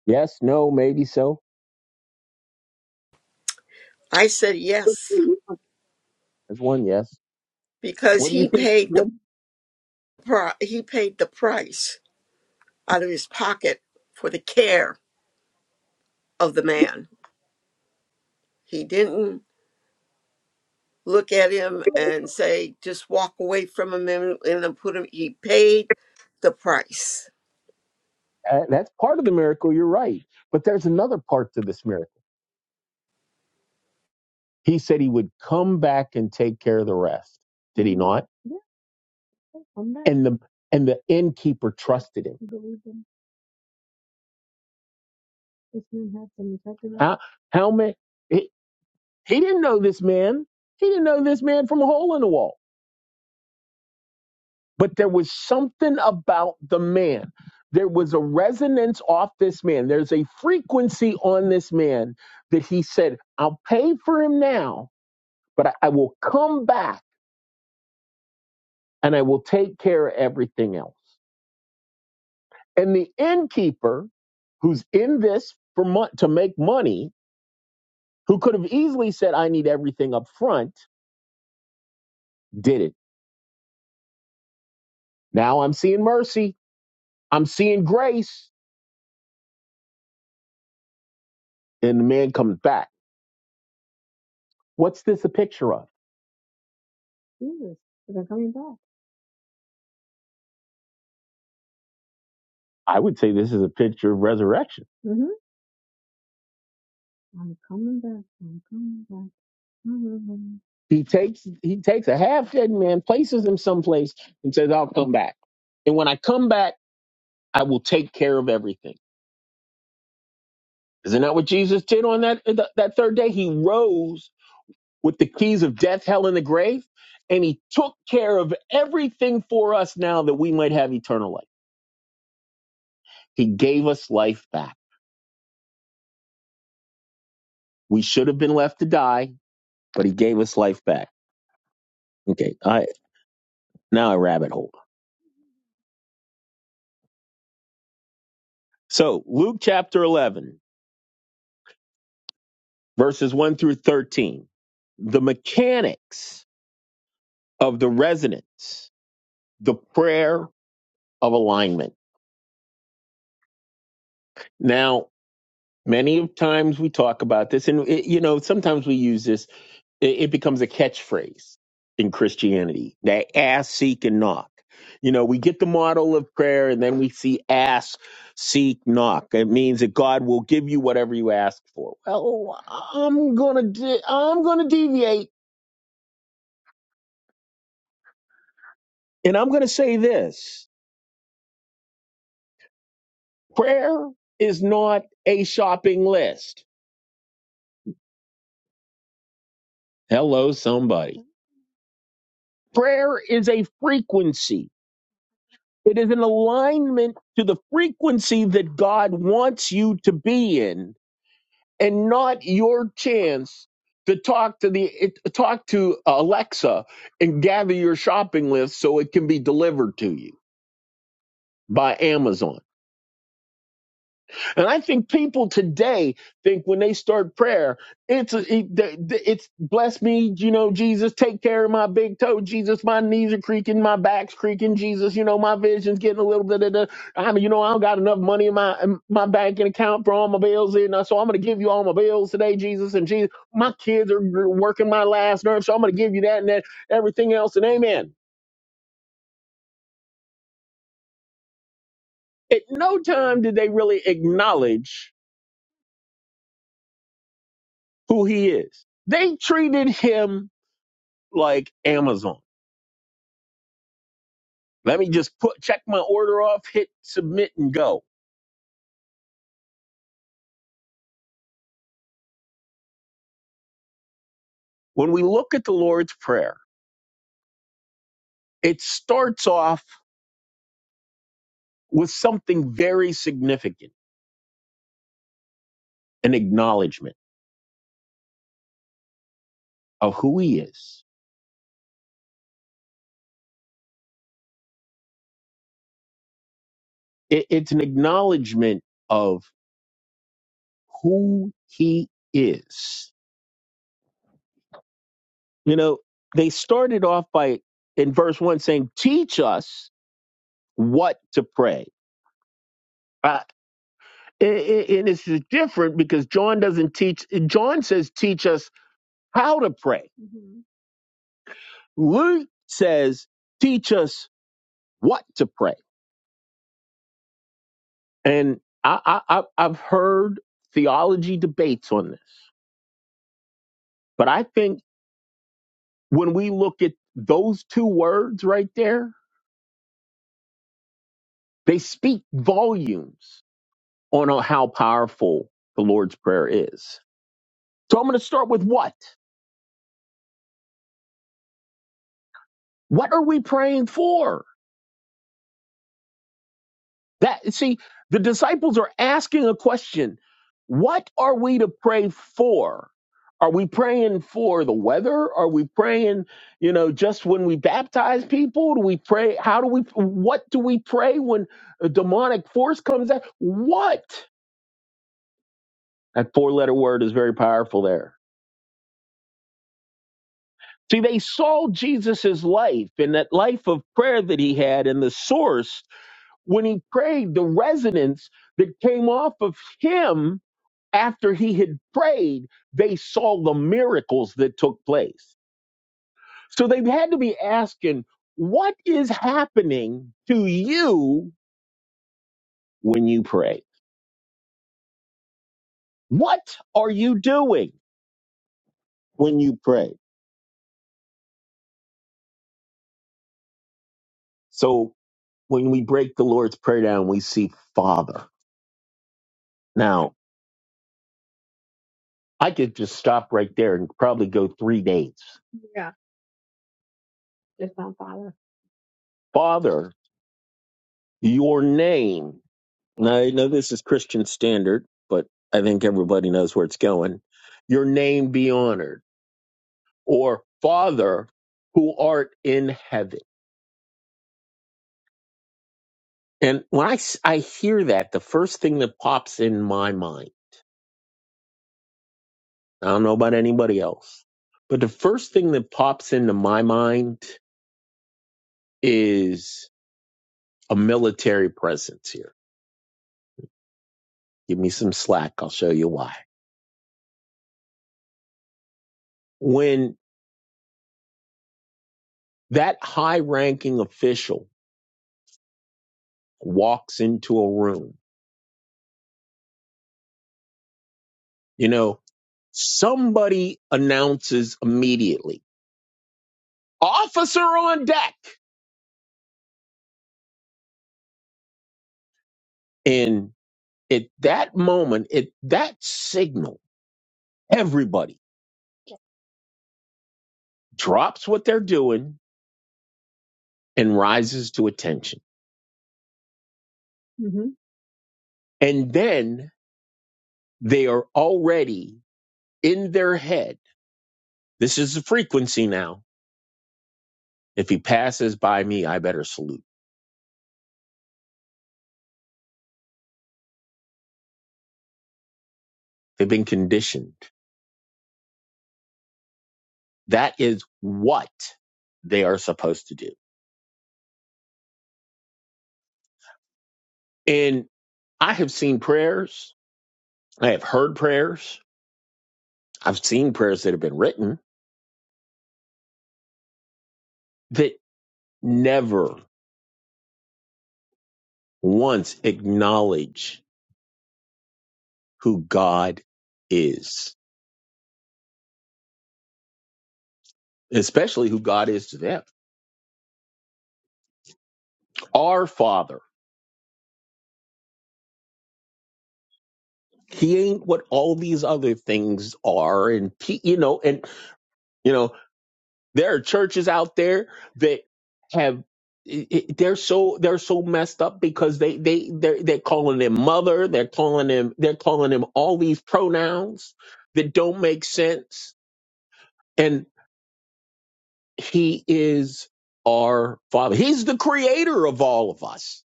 Yes, no, maybe so. I said yes There's one yes. because What do you he think? paid the pri- he paid the price out of his pocket for the care of the man. He didn't look at him and say, just walk away from him and, and then put him, he paid the price. Uh, that's part of the miracle. You're right. But there's another part to this miracle. He said he would come back and take care of the rest. Did he not? Yeah, I'll come back. And the and the innkeeper trusted him. You believe him? This man had some effect on him? How how many? He, he didn't know this man. He didn't know this man from a hole in the wall. but there was something about the man. There was a resonance off this man. There's a frequency on this man that he said, I'll pay for him now, but I, I will come back and I will take care of everything else. And the innkeeper, who's in this for mon- to make money, who could have easily said, I need everything up front, did it. Now I'm seeing mercy. I'm seeing grace. And the man comes back. What's this a picture of? Jesus, they're coming back. I would say this is a picture of resurrection. hmm I'm coming back. I'm coming back. Mhm. He takes he takes a half dead man, places him someplace, and says, I'll come back. And when I come back, I will take care of everything. Isn't that what Jesus did on that th- that third day? He rose with the keys of death, hell, and the grave, and he took care of everything for us now that we might have eternal life. He gave us life back. We should have been left to die, but he gave us life back. Okay, I. Now a rabbit hole. So Luke chapter 11, verses 1 through 13. The mechanics of the resonance, the prayer of alignment. Now, many of times we talk about this and it, you know, sometimes we use this It, it becomes a catchphrase in Christianity. They ask, seek, and knock. You know, we get the model of prayer and then we see ask, seek, knock. It means that God will give you whatever you ask for. Well, I'm gonna de- I'm gonna deviate and I'm gonna say this. Prayer is not a shopping list. Hello, somebody. Prayer is a frequency. It is an alignment to the frequency that God wants you to be in and not your chance to talk to the it- talk to Alexa and gather your shopping list so it can be delivered to you by Amazon. And I think people today think when they start prayer, it's a, it- it's bless me, you know, Jesus, take care of my big toe, Jesus, my knees are creaking, my back's creaking, Jesus, you know, my vision's getting a little bit of the, I mean, you know, I don't got enough money in my in my banking account for all my bills, and so I'm gonna give you all my bills today, Jesus, and Jesus, my kids are working my last nerve, so I'm gonna give you that and that, everything else, and Amen. At no time did they really acknowledge who He is. They treated Him like Amazon. Let me just put check my order off, hit submit and go. When we look at the Lord's Prayer, it starts off with something very significant, an acknowledgement of who he is. It, it's an acknowledgement of who he is. You know, they started off by in verse one saying, teach us what to pray. Uh, and and- and it's different because John doesn't teach, John says, teach us how to pray. hmm Luke says, teach us what to pray. And I, I- I've heard theology debates on this, but I think when we look at those two words right there, they speak volumes on how powerful the Lord's Prayer is. So I'm going to start with what? What are we praying for? That see, the disciples are asking a question. What are we to pray for? Are we praying for the weather? Are we praying, you know, just when we baptize people? Do we pray? How do we, what do we pray when a demonic force comes out? What? That four letter word is very powerful there. See, they saw Jesus' life and that life of prayer that he had and the source when he prayed, the resonance that came off of him after he had prayed, they saw the miracles that took place. So they had to be asking, what is happening to you when you pray? What are you doing when you pray? So when we break the Lord's Prayer down, we see Father. Now, I could just stop right there and probably go three days. Yeah. It's my father. Father, your name. Now, I know this is Christian standard, but I think everybody knows where it's going. Your name be honored, or Father who art in heaven. And when I, s- I hear that, the first thing that pops in my mind, I don't know about anybody else, but the first thing that pops into my mind is a military presence here. Give me some slack. I'll show you why. When that high ranking official walks into a room, You know, somebody announces immediately, officer on deck. And at that moment, at that signal, everybody drops what they're doing and rises to attention. hmm And then they are already in their head. This is the frequency now. If he passes by me, I better salute. They've been conditioned. That is what they are supposed to do. And I have seen prayers I have heard prayers. I've seen prayers that have been written that never once acknowledge who God is, especially who God is to them. Our Father. He ain't what all these other things are. And, he, you know, and, you know, there are churches out there that have. it- it- They're so they're so messed up because they they they're, they're calling him mother they're calling him they're calling him all these pronouns that don't make sense And he is our father. He's the creator of all of us.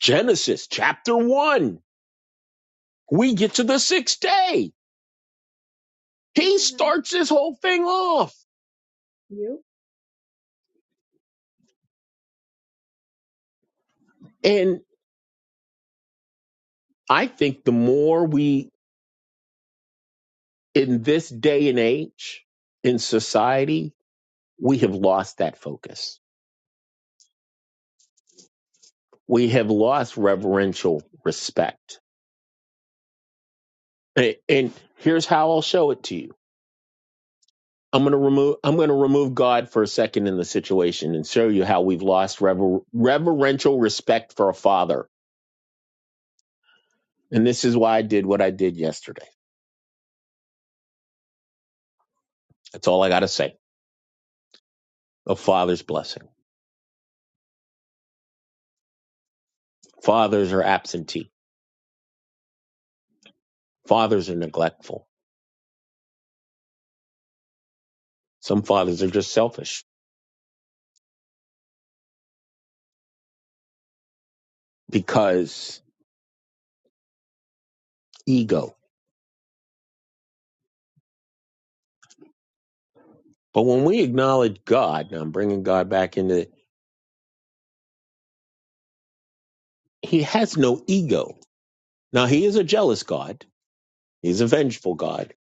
Genesis chapter one. We get to the sixth day. He hmm starts this whole thing off. Yep. And I think the more we, in this day and age, in society, we have lost that focus. We have lost reverential respect. A- And here's how I'll show it to you I'm going to remove I'm going to remove God for a second in the situation and show you how we've lost rever- reverential respect for a father. And this is why I did what I did yesterday. That's all I got to say. A father's blessing. Fathers are absentee. Fathers are neglectful. Some fathers are just selfish because ego. But when we acknowledge God, now I'm bringing God back into it, he has no ego. Now he is a jealous God. He's a vengeful God.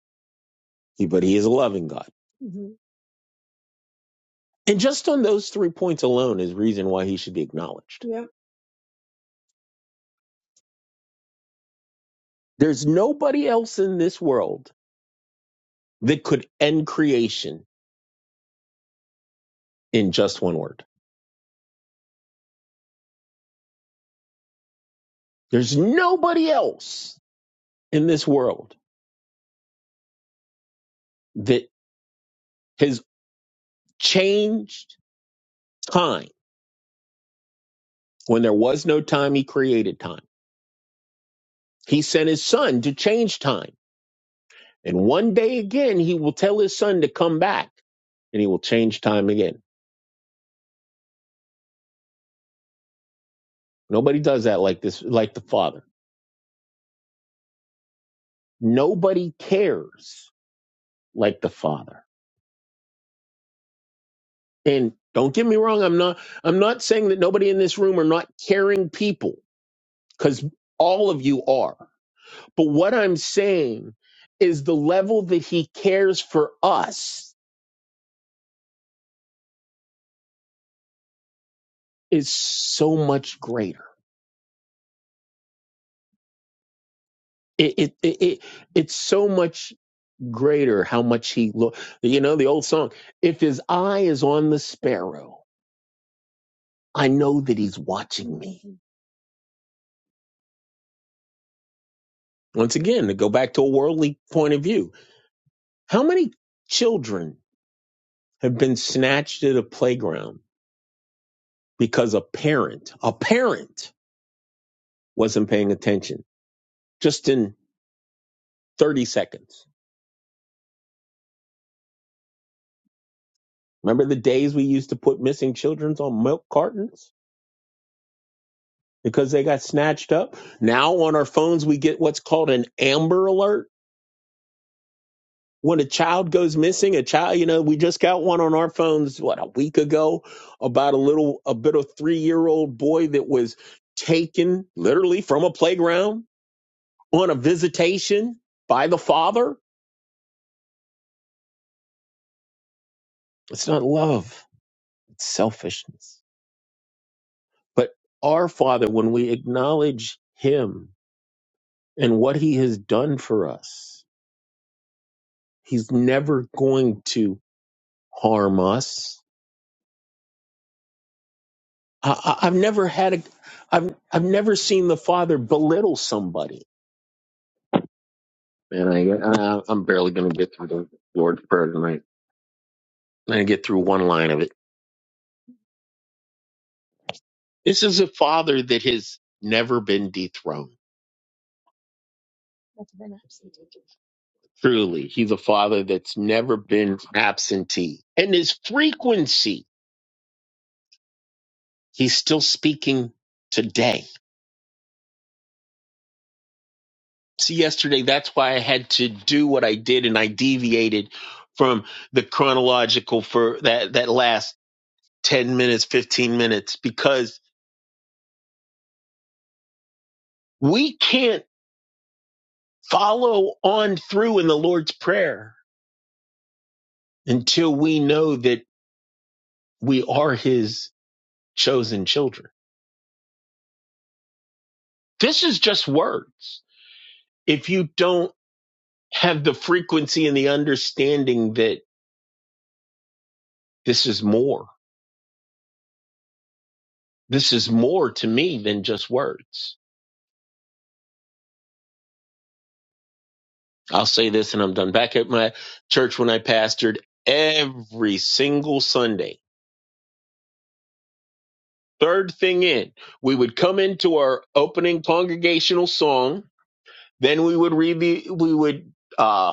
He- But he is a loving God And just on those three points alone is reason why he should be acknowledged. Yep. There's nobody else in this world that could end creation in just one word. There's nobody else in this world that has changed time. When there was no time, he created time. He sent his son to change time. And one day again, he will tell his son to come back and he will change time again. Nobody does that like this, like the father. Nobody cares like the Father. And don't get me wrong, I'm not I'm not saying that nobody in this room are not caring people cuz all of you are. But what I'm saying is the level that he cares for us is so much greater. It it it, it it's so much greater how much he look you know the old song if his eye is on the sparrow I know that he's watching me. Once again, to go back to a worldly point of view, how many children have been snatched at a playground because a parent, a parent wasn't paying attention just in 30 seconds. Remember the days we used to put missing children's on milk cartons because they got snatched up? Now on our phones, we get what's called an Amber Alert. When a child goes missing, a child, you know, we just got one on our phones, what, a week ago about a little, a bit of three year old boy that was taken literally from a playground on a visitation by the Father. It's not love, it's selfishness. But our Father, when we acknowledge Him and what He has done for us, He's never going to harm us. I, I, I've never had a, I've, I've never seen the Father belittle somebody. Man, I, I, I'm barely going to get through the Lord's Prayer tonight. I'm going to get through one line of it. This is a Father that has never been dethroned. Truly, he's a father that's never been absentee. And his frequency, he's still speaking today. See, yesterday, that's why I had to do what I did and I deviated from the chronological for that, that last 10 minutes, 15 minutes, because we can't follow on through in the Lord's Prayer until we know that we are his chosen children. This is just words. If you don't have the frequency and the understanding that this is more. This is more to me than just words. I'll say this and I'm done. Back at my church when I pastored, every single Sunday, third thing in, we would come into our opening congregational song. Then we would read the, we would, uh,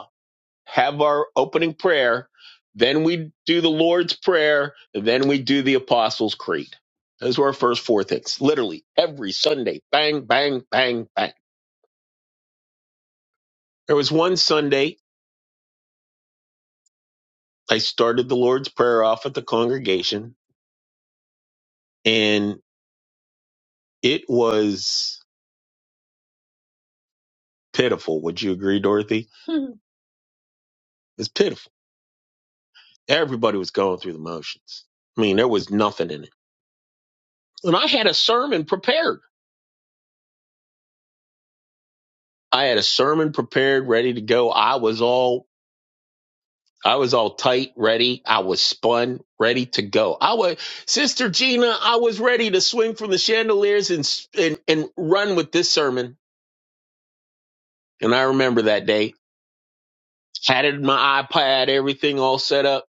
have our opening prayer, then we do the Lord's Prayer, then we do the Apostles' Creed. Those were our first four things, literally every Sunday. Bang, bang, bang, bang. There was one Sunday I started the Lord's Prayer off at the congregation, and it was pitiful. Would you agree, Dorothy? (laughs) it's pitiful. Everybody was going through the motions. I mean, there was nothing in it. And I had a sermon prepared. I had a sermon prepared, ready to go. I was all I was all tight, ready. I was spun, ready to go. I was Sister Gina. I was ready to swing from the chandeliers and s- and, and run with this sermon. And I remember that day. Had it in my iPad, everything all set up.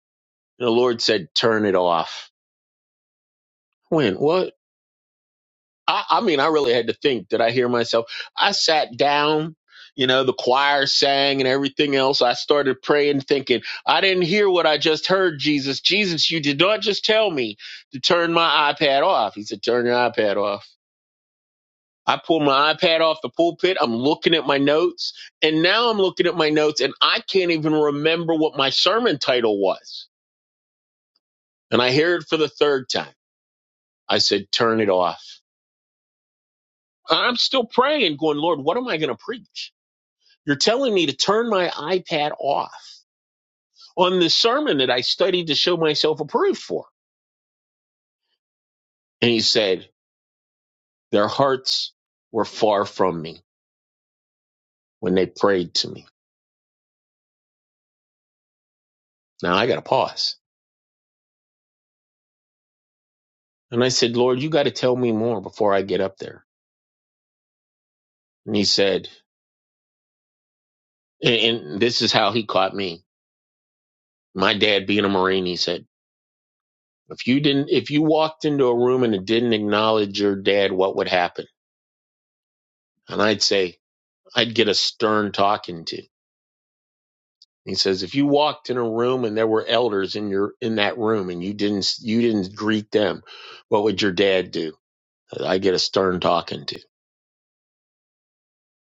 And the Lord said, "Turn it off." When? What? I, I mean, I really had to think. Did I hear myself? I sat down, you know, the choir sang and everything else. I started praying, thinking, I didn't hear what I just heard, Jesus. Jesus, you did not just tell me to turn my iPad off. He said, Turn your iPad off. I pull my iPad off the pulpit. I'm looking at my notes. And now I'm looking at my notes and I can't even remember what my sermon title was. And I hear it for the third time. I said, Turn it off. I'm still praying, going, Lord, what am I going to preach? You're telling me to turn my iPad off on the sermon that I studied to show myself approved for. And he said, Their hearts were far from me when they prayed to me. Now I got to pause. And I said, Lord, you got to tell me more before I get up there. And he said, and, and this is how he caught me. My dad being a Marine, he said, if you didn't, if you walked into a room and it didn't acknowledge your dad, what would happen? And I'd say, I'd get a stern talking to. He says, if you walked in a room and there were elders in your in that room and you didn't you didn't greet them, what would your dad do? I get a stern talking to.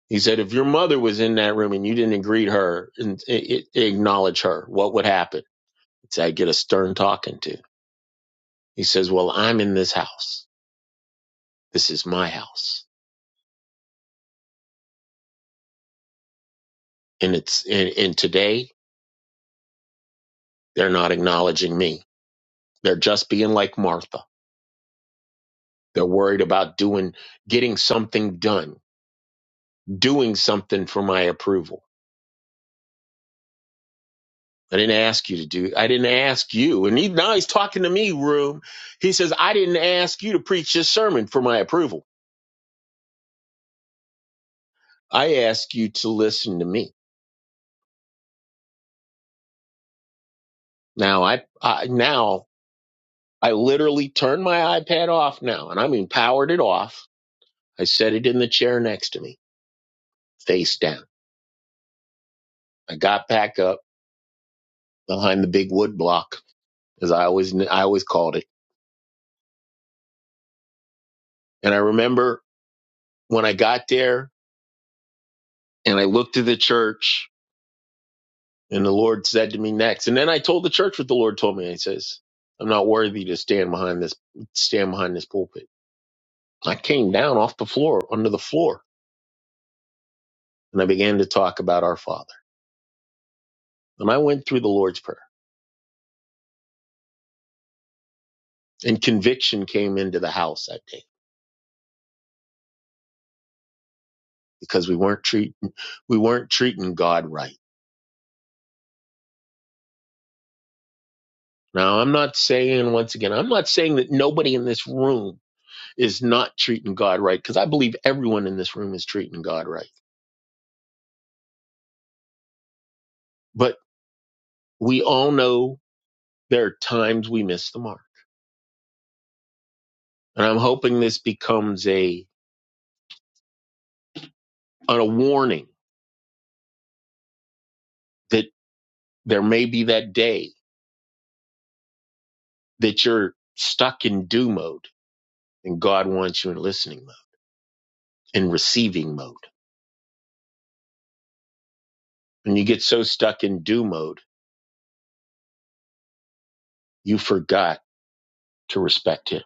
He said, if your mother was in that room and you didn't greet her and i- i- acknowledge her, what would happen? He said, I get a stern talking to. He says, well, I'm in this house. This is my house, and it's and, and today they're not acknowledging me. They're just being like Martha. They're worried about doing getting something done doing something for my approval. I didn't ask you to do. I didn't ask you. And he, now he's talking to me, room. He says, I didn't ask you to preach this sermon for my approval. I asked you to listen to me. Now I, I now I literally turned my iPad off now and I mean powered it off. I set it in the chair next to me, face down. I got back up behind the big wood block as I always, I always called it. And I remember when I got there and I looked at the church And the Lord said to me next, and then I told the church what the Lord told me. He says, "I'm not worthy to stand behind this stand behind this pulpit." I came down off the floor, under the floor, and I began to talk about our Father. And I went through the Lord's prayer, and conviction came into the house that day because we weren't treating we weren't treating God right. Now, I'm not saying once again, I'm not saying that nobody in this room is not treating God right because I believe everyone in this room is treating God right. But we all know there are times we miss the mark. And I'm hoping this becomes a a warning that there may be that day that you're stuck in do mode and God wants you in listening mode, in receiving mode. And you get so stuck in do mode, you forgot to respect him.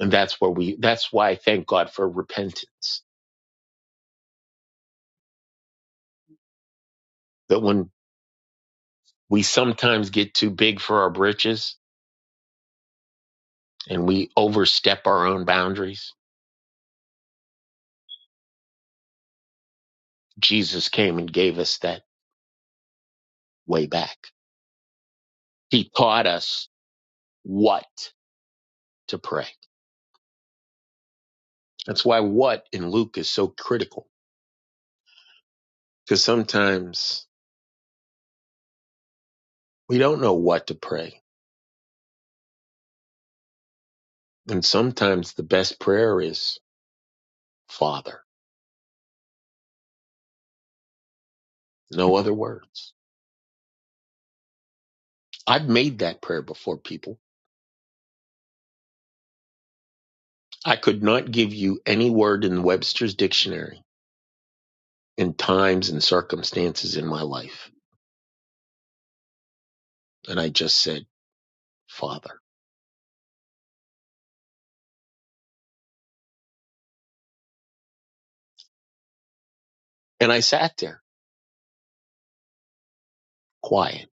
And that's where we that's why I thank God for repentance. That when we sometimes get too big for our britches and we overstep our own boundaries, Jesus came and gave us that way back. He taught us what to pray. That's why what in Luke is so critical because sometimes we don't know what to pray. And sometimes the best prayer is Father, no other words. I've made that prayer before people. I could not give you any word in Webster's dictionary in times and circumstances in my life. And I just said, Father. And I sat there quiet,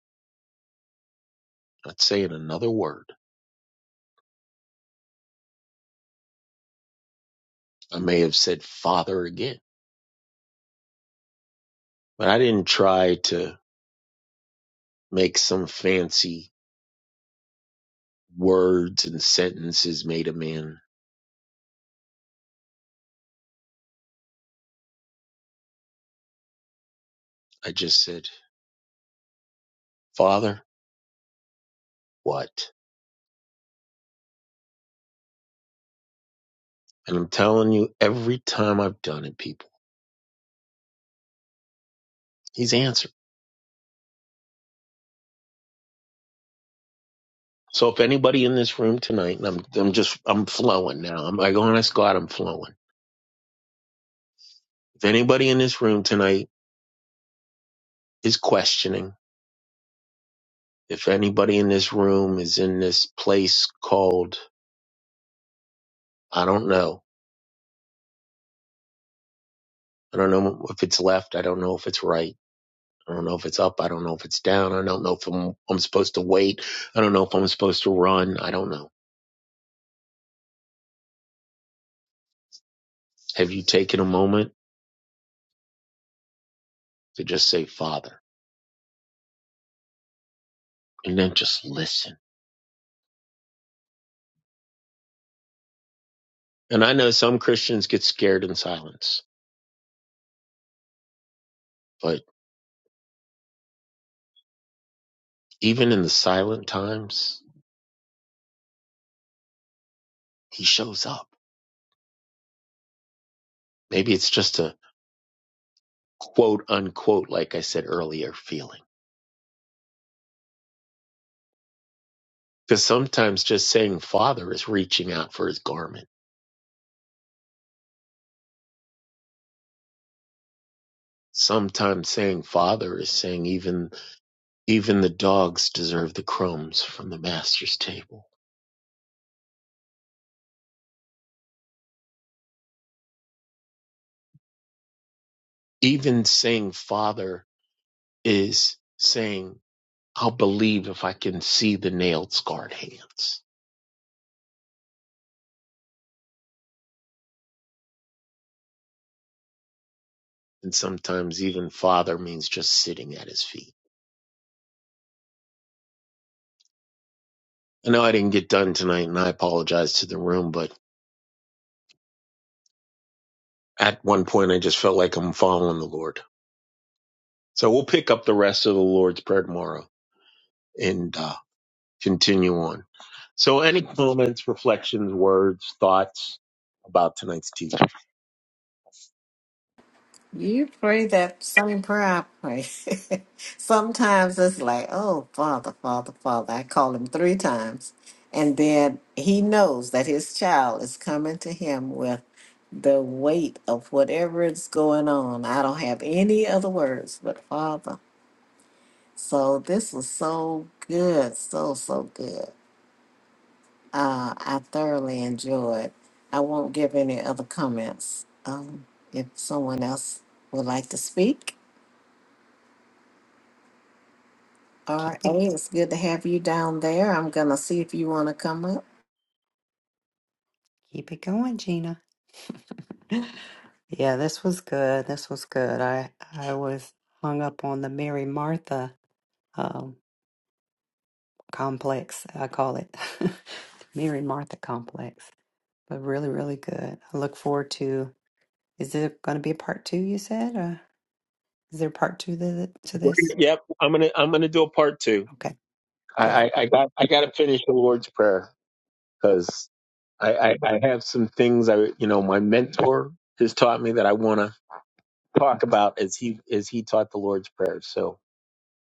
not saying another word. I may have said Father again, but I didn't try to make some fancy words and sentences made a man. I just said, Father, what? And I'm telling you, every time I've done it, people, he's answered. So if anybody in this room tonight, and I'm, I'm just, I'm flowing now. I'm like, honest God, I'm flowing. If anybody in this room tonight is questioning, if anybody in this room is in this place called, I don't know. I don't know if it's left. I don't know if it's right I don't know if it's up. I don't know if it's down. I don't know if I'm, I'm supposed to wait. I don't know if I'm supposed to run. I don't know. Have you taken a moment to just say, Father, and then just listen? And I know some Christians get scared in silence, but even in the silent times, he shows up. Maybe it's just a quote unquote, like I said earlier, feeling. Because sometimes just saying Father is reaching out for his garment. Sometimes saying Father is saying even Even the dogs deserve the crumbs from the master's table. Even saying father is saying, I'll believe if I can see the nailed scarred hands. And sometimes even father means just sitting at his feet. I know I didn't get done tonight and I apologize to the room, but at one point I just felt like I'm following the Lord. So we'll pick up the rest of the Lord's Prayer tomorrow and uh, continue on. So any comments, reflections, words, thoughts about tonight's teaching? You pray that same prayer I pray. (laughs) Sometimes it's like, oh, Father, Father, Father. I call him three times. And then he knows that his child is coming to him with the weight of whatever is going on. I don't have any other words but Father. So this was so good, so, so good. Uh, I thoroughly enjoyed. I won't give any other comments. Um, if someone else would like to speak. RA, Keep it it's good to have you down there. I'm gonna see if you wanna come up. keep it going, Gina. (laughs) yeah, this was good. This was good. I I was hung up on the Mary Martha um complex, I call it. (laughs) Mary Martha complex. But really, really good. I look forward to is there gonna be a part two, you said? Uh is there a part two to, to We're this? gonna- Yep, I'm gonna I'm gonna do a part two. Okay, I good. I, I got I got to finish the Lord's Prayer because I, I I have some things I you know my mentor has taught me that I want to talk about as he as he taught the Lord's Prayer. So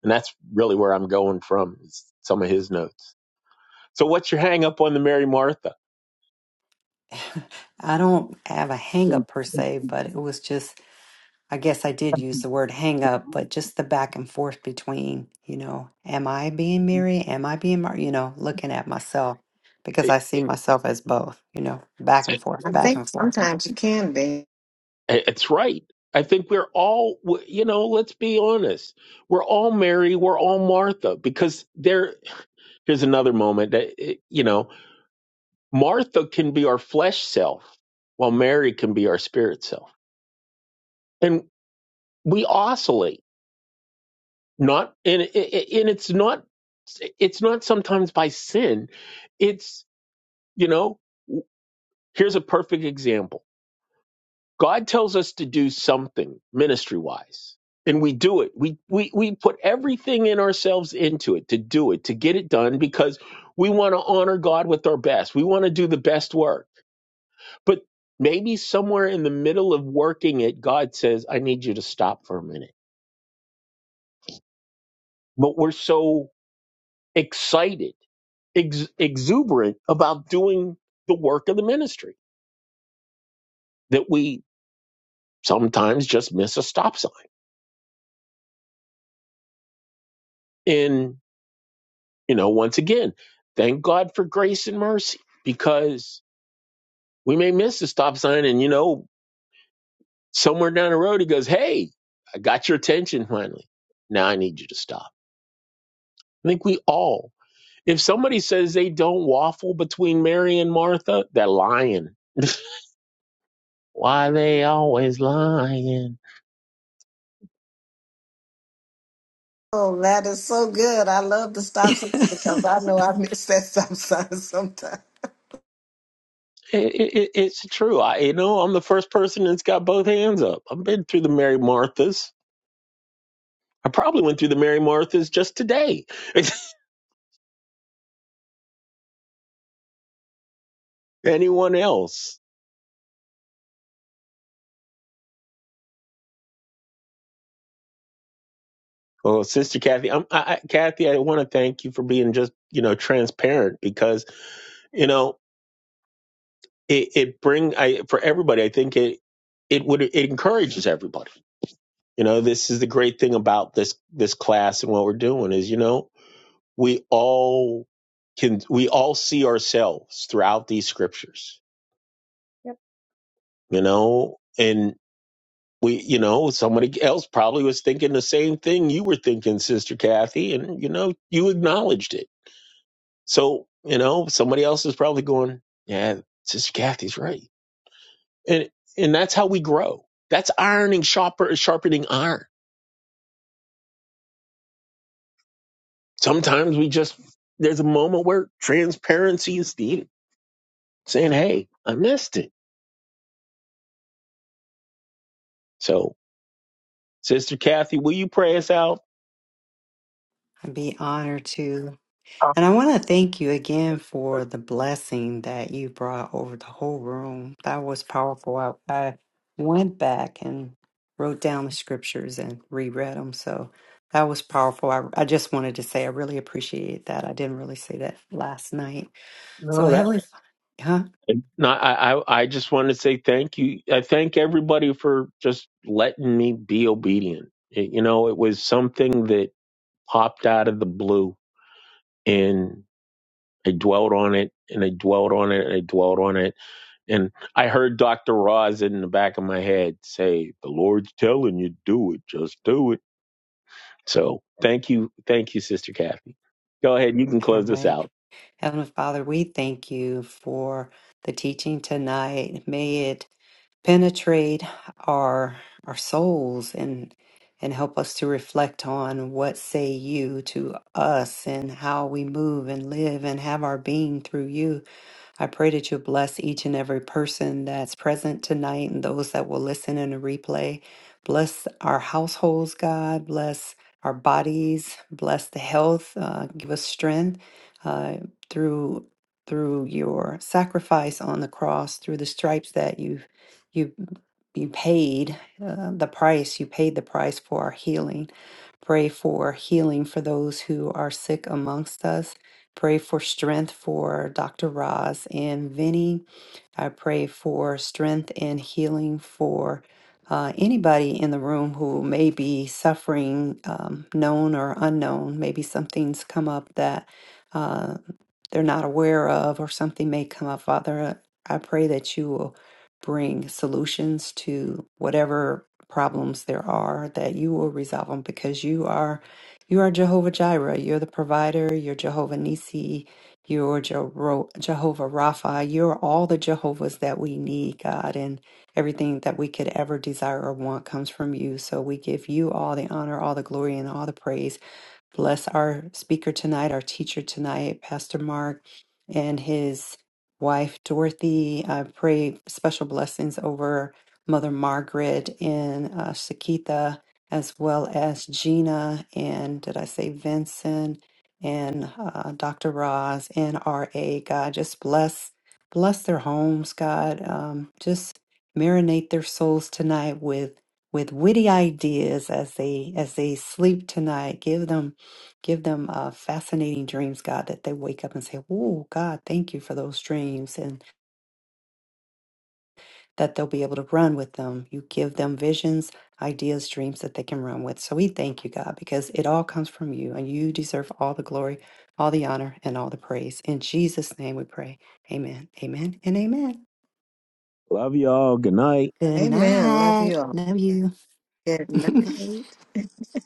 and that's really where I'm going from is some of his notes. So what's your hang up on the Mary Martha? (laughs) I don't have a hang up per se, but it was just I guess I did use the word hang up, but just the back and forth between, you know, am I being Mary? Am I being Mar? You know, looking at myself because It, I see it, myself as both, you know, back and forth, I back think and forth. sometimes you can be. it's right. I think we're all you know. Let's be honest. We're all Mary. We're all Martha because they're here's another moment that eh, you know Martha can be our flesh self, while Mary can be our spirit self, and we oscillate. Not and and it's not it's not sometimes by sin. It's you know here's a perfect example. God tells us to do something ministry wise, and we do it. We we we put everything in ourselves into it to do it to get it done because we want to honor God with our best. We want to do the best work But maybe somewhere in the middle of working it, God says, I need you to stop for a minute. But we're so excited, ex- exuberant about doing the work of the ministry that we sometimes just miss a stop sign. And, you know, once again, thank God for grace and mercy because we may miss the stop sign and, you know, somewhere down the road, he goes, Hey, I got your attention finally. Now I need you to stop. I think we all If somebody says they don't waffle between Mary and Martha, they're lying. Why they always lying? Oh, that is so good. I love the stop sign (laughs) because I'd I know I miss that (laughs) stop sign sometimes. It, it, it's true. I, you know, I'm the first person that's got both hands up. I've been through the Mary Marthas. I probably went through the Mary Marthas just today. (laughs) Anyone else? Well, Sister Kathy, I'm, I, I, Kathy, I want to thank you for being just you know transparent because you know it, it bring I for everybody. I think it it would it encourages everybody You know, this is the great thing about this this class and what we're doing is, you know, we all can we all see ourselves throughout these scriptures. Yep. You know, and we, you know, somebody else probably was thinking the same thing you were thinking, Sister Kathy, and you know, you acknowledged it. So, you know, somebody else is probably going, Yeah, Sister Kathy's right. And and that's how we grow. That's ironing sharper sharpening iron Sometimes we just, there's a moment where transparency is needed, saying, hey, I missed it. So, Sister Kathy, will you pray us out? be honored to. And I want to thank you again for the blessing that you brought over the whole room. That was powerful. I, I went back and wrote down the scriptures and reread them. So that was powerful. I, I just wanted to say I really appreciate that. I didn't really say that last night. So, No, that. Heavenly Huh? No, I, I, I just want to say thank you. I thank everybody for just letting me be obedient. It- you know, it was something that popped out of the blue, and I dwelt on it, and I dwelt on it, and I dwelt on it, and I heard Dr. Roz in the back of my head say, "The Lord's telling you, do it. Just do it." So thank you, thank you, Sister Kathy. Go ahead, you can All close this right. out. Heavenly Father, we thank you for the teaching tonight. May it penetrate our our souls and and help us to reflect on what say you to us and how we move and live and have our being through you I pray that you bless each and every person that's present tonight and those that will listen in a replay. Bless our households, God. Bless our bodies. Bless the health. Uh, give us strength uh, through through your sacrifice on the cross, through the stripes that you you you paid uh, the price. You paid the price for our healing. Pray for healing for those who are sick amongst us Pray for strength for Dr. Roz and Vinny. I pray for strength and healing for uh, anybody in the room who may be suffering, um, known or unknown. Maybe something's come up that uh, they're not aware of, or something may come up. Father, I pray that you will bring solutions to whatever problems there are, that you will resolve them because you are you are Jehovah Jireh. You're the provider. You're Jehovah Nisi. You're Jero- Jehovah Rapha. You're all the Jehovahs that we need, God. And everything that we could ever desire or want comes from you. So we give you all the honor, all the glory, and all the praise. Bless our speaker tonight, our teacher tonight, Pastor Mark, and his wife, Dorothy. I pray special blessings over Mother Margaret and uh, Sakita, as well as Gina, and did I say Vincent, and uh, Dr. Roz, and R.A. God, just bless. Bless their homes, God. Um, just marinate their souls tonight with with witty ideas as they as they sleep tonight. Give them Give them uh, fascinating dreams, God, that they wake up and say, Oh, God, thank you for those dreams, and that they'll be able to run with them. You give them visions, ideas, dreams that they can run with. So we thank you, God, because it all comes from you, and you deserve all the glory, all the honor, and all the praise. In Jesus' name we pray. Amen, amen, and amen. Love y'all. Good night. Good Amen. Love you night. all. Love you. Good (laughs) night. (laughs)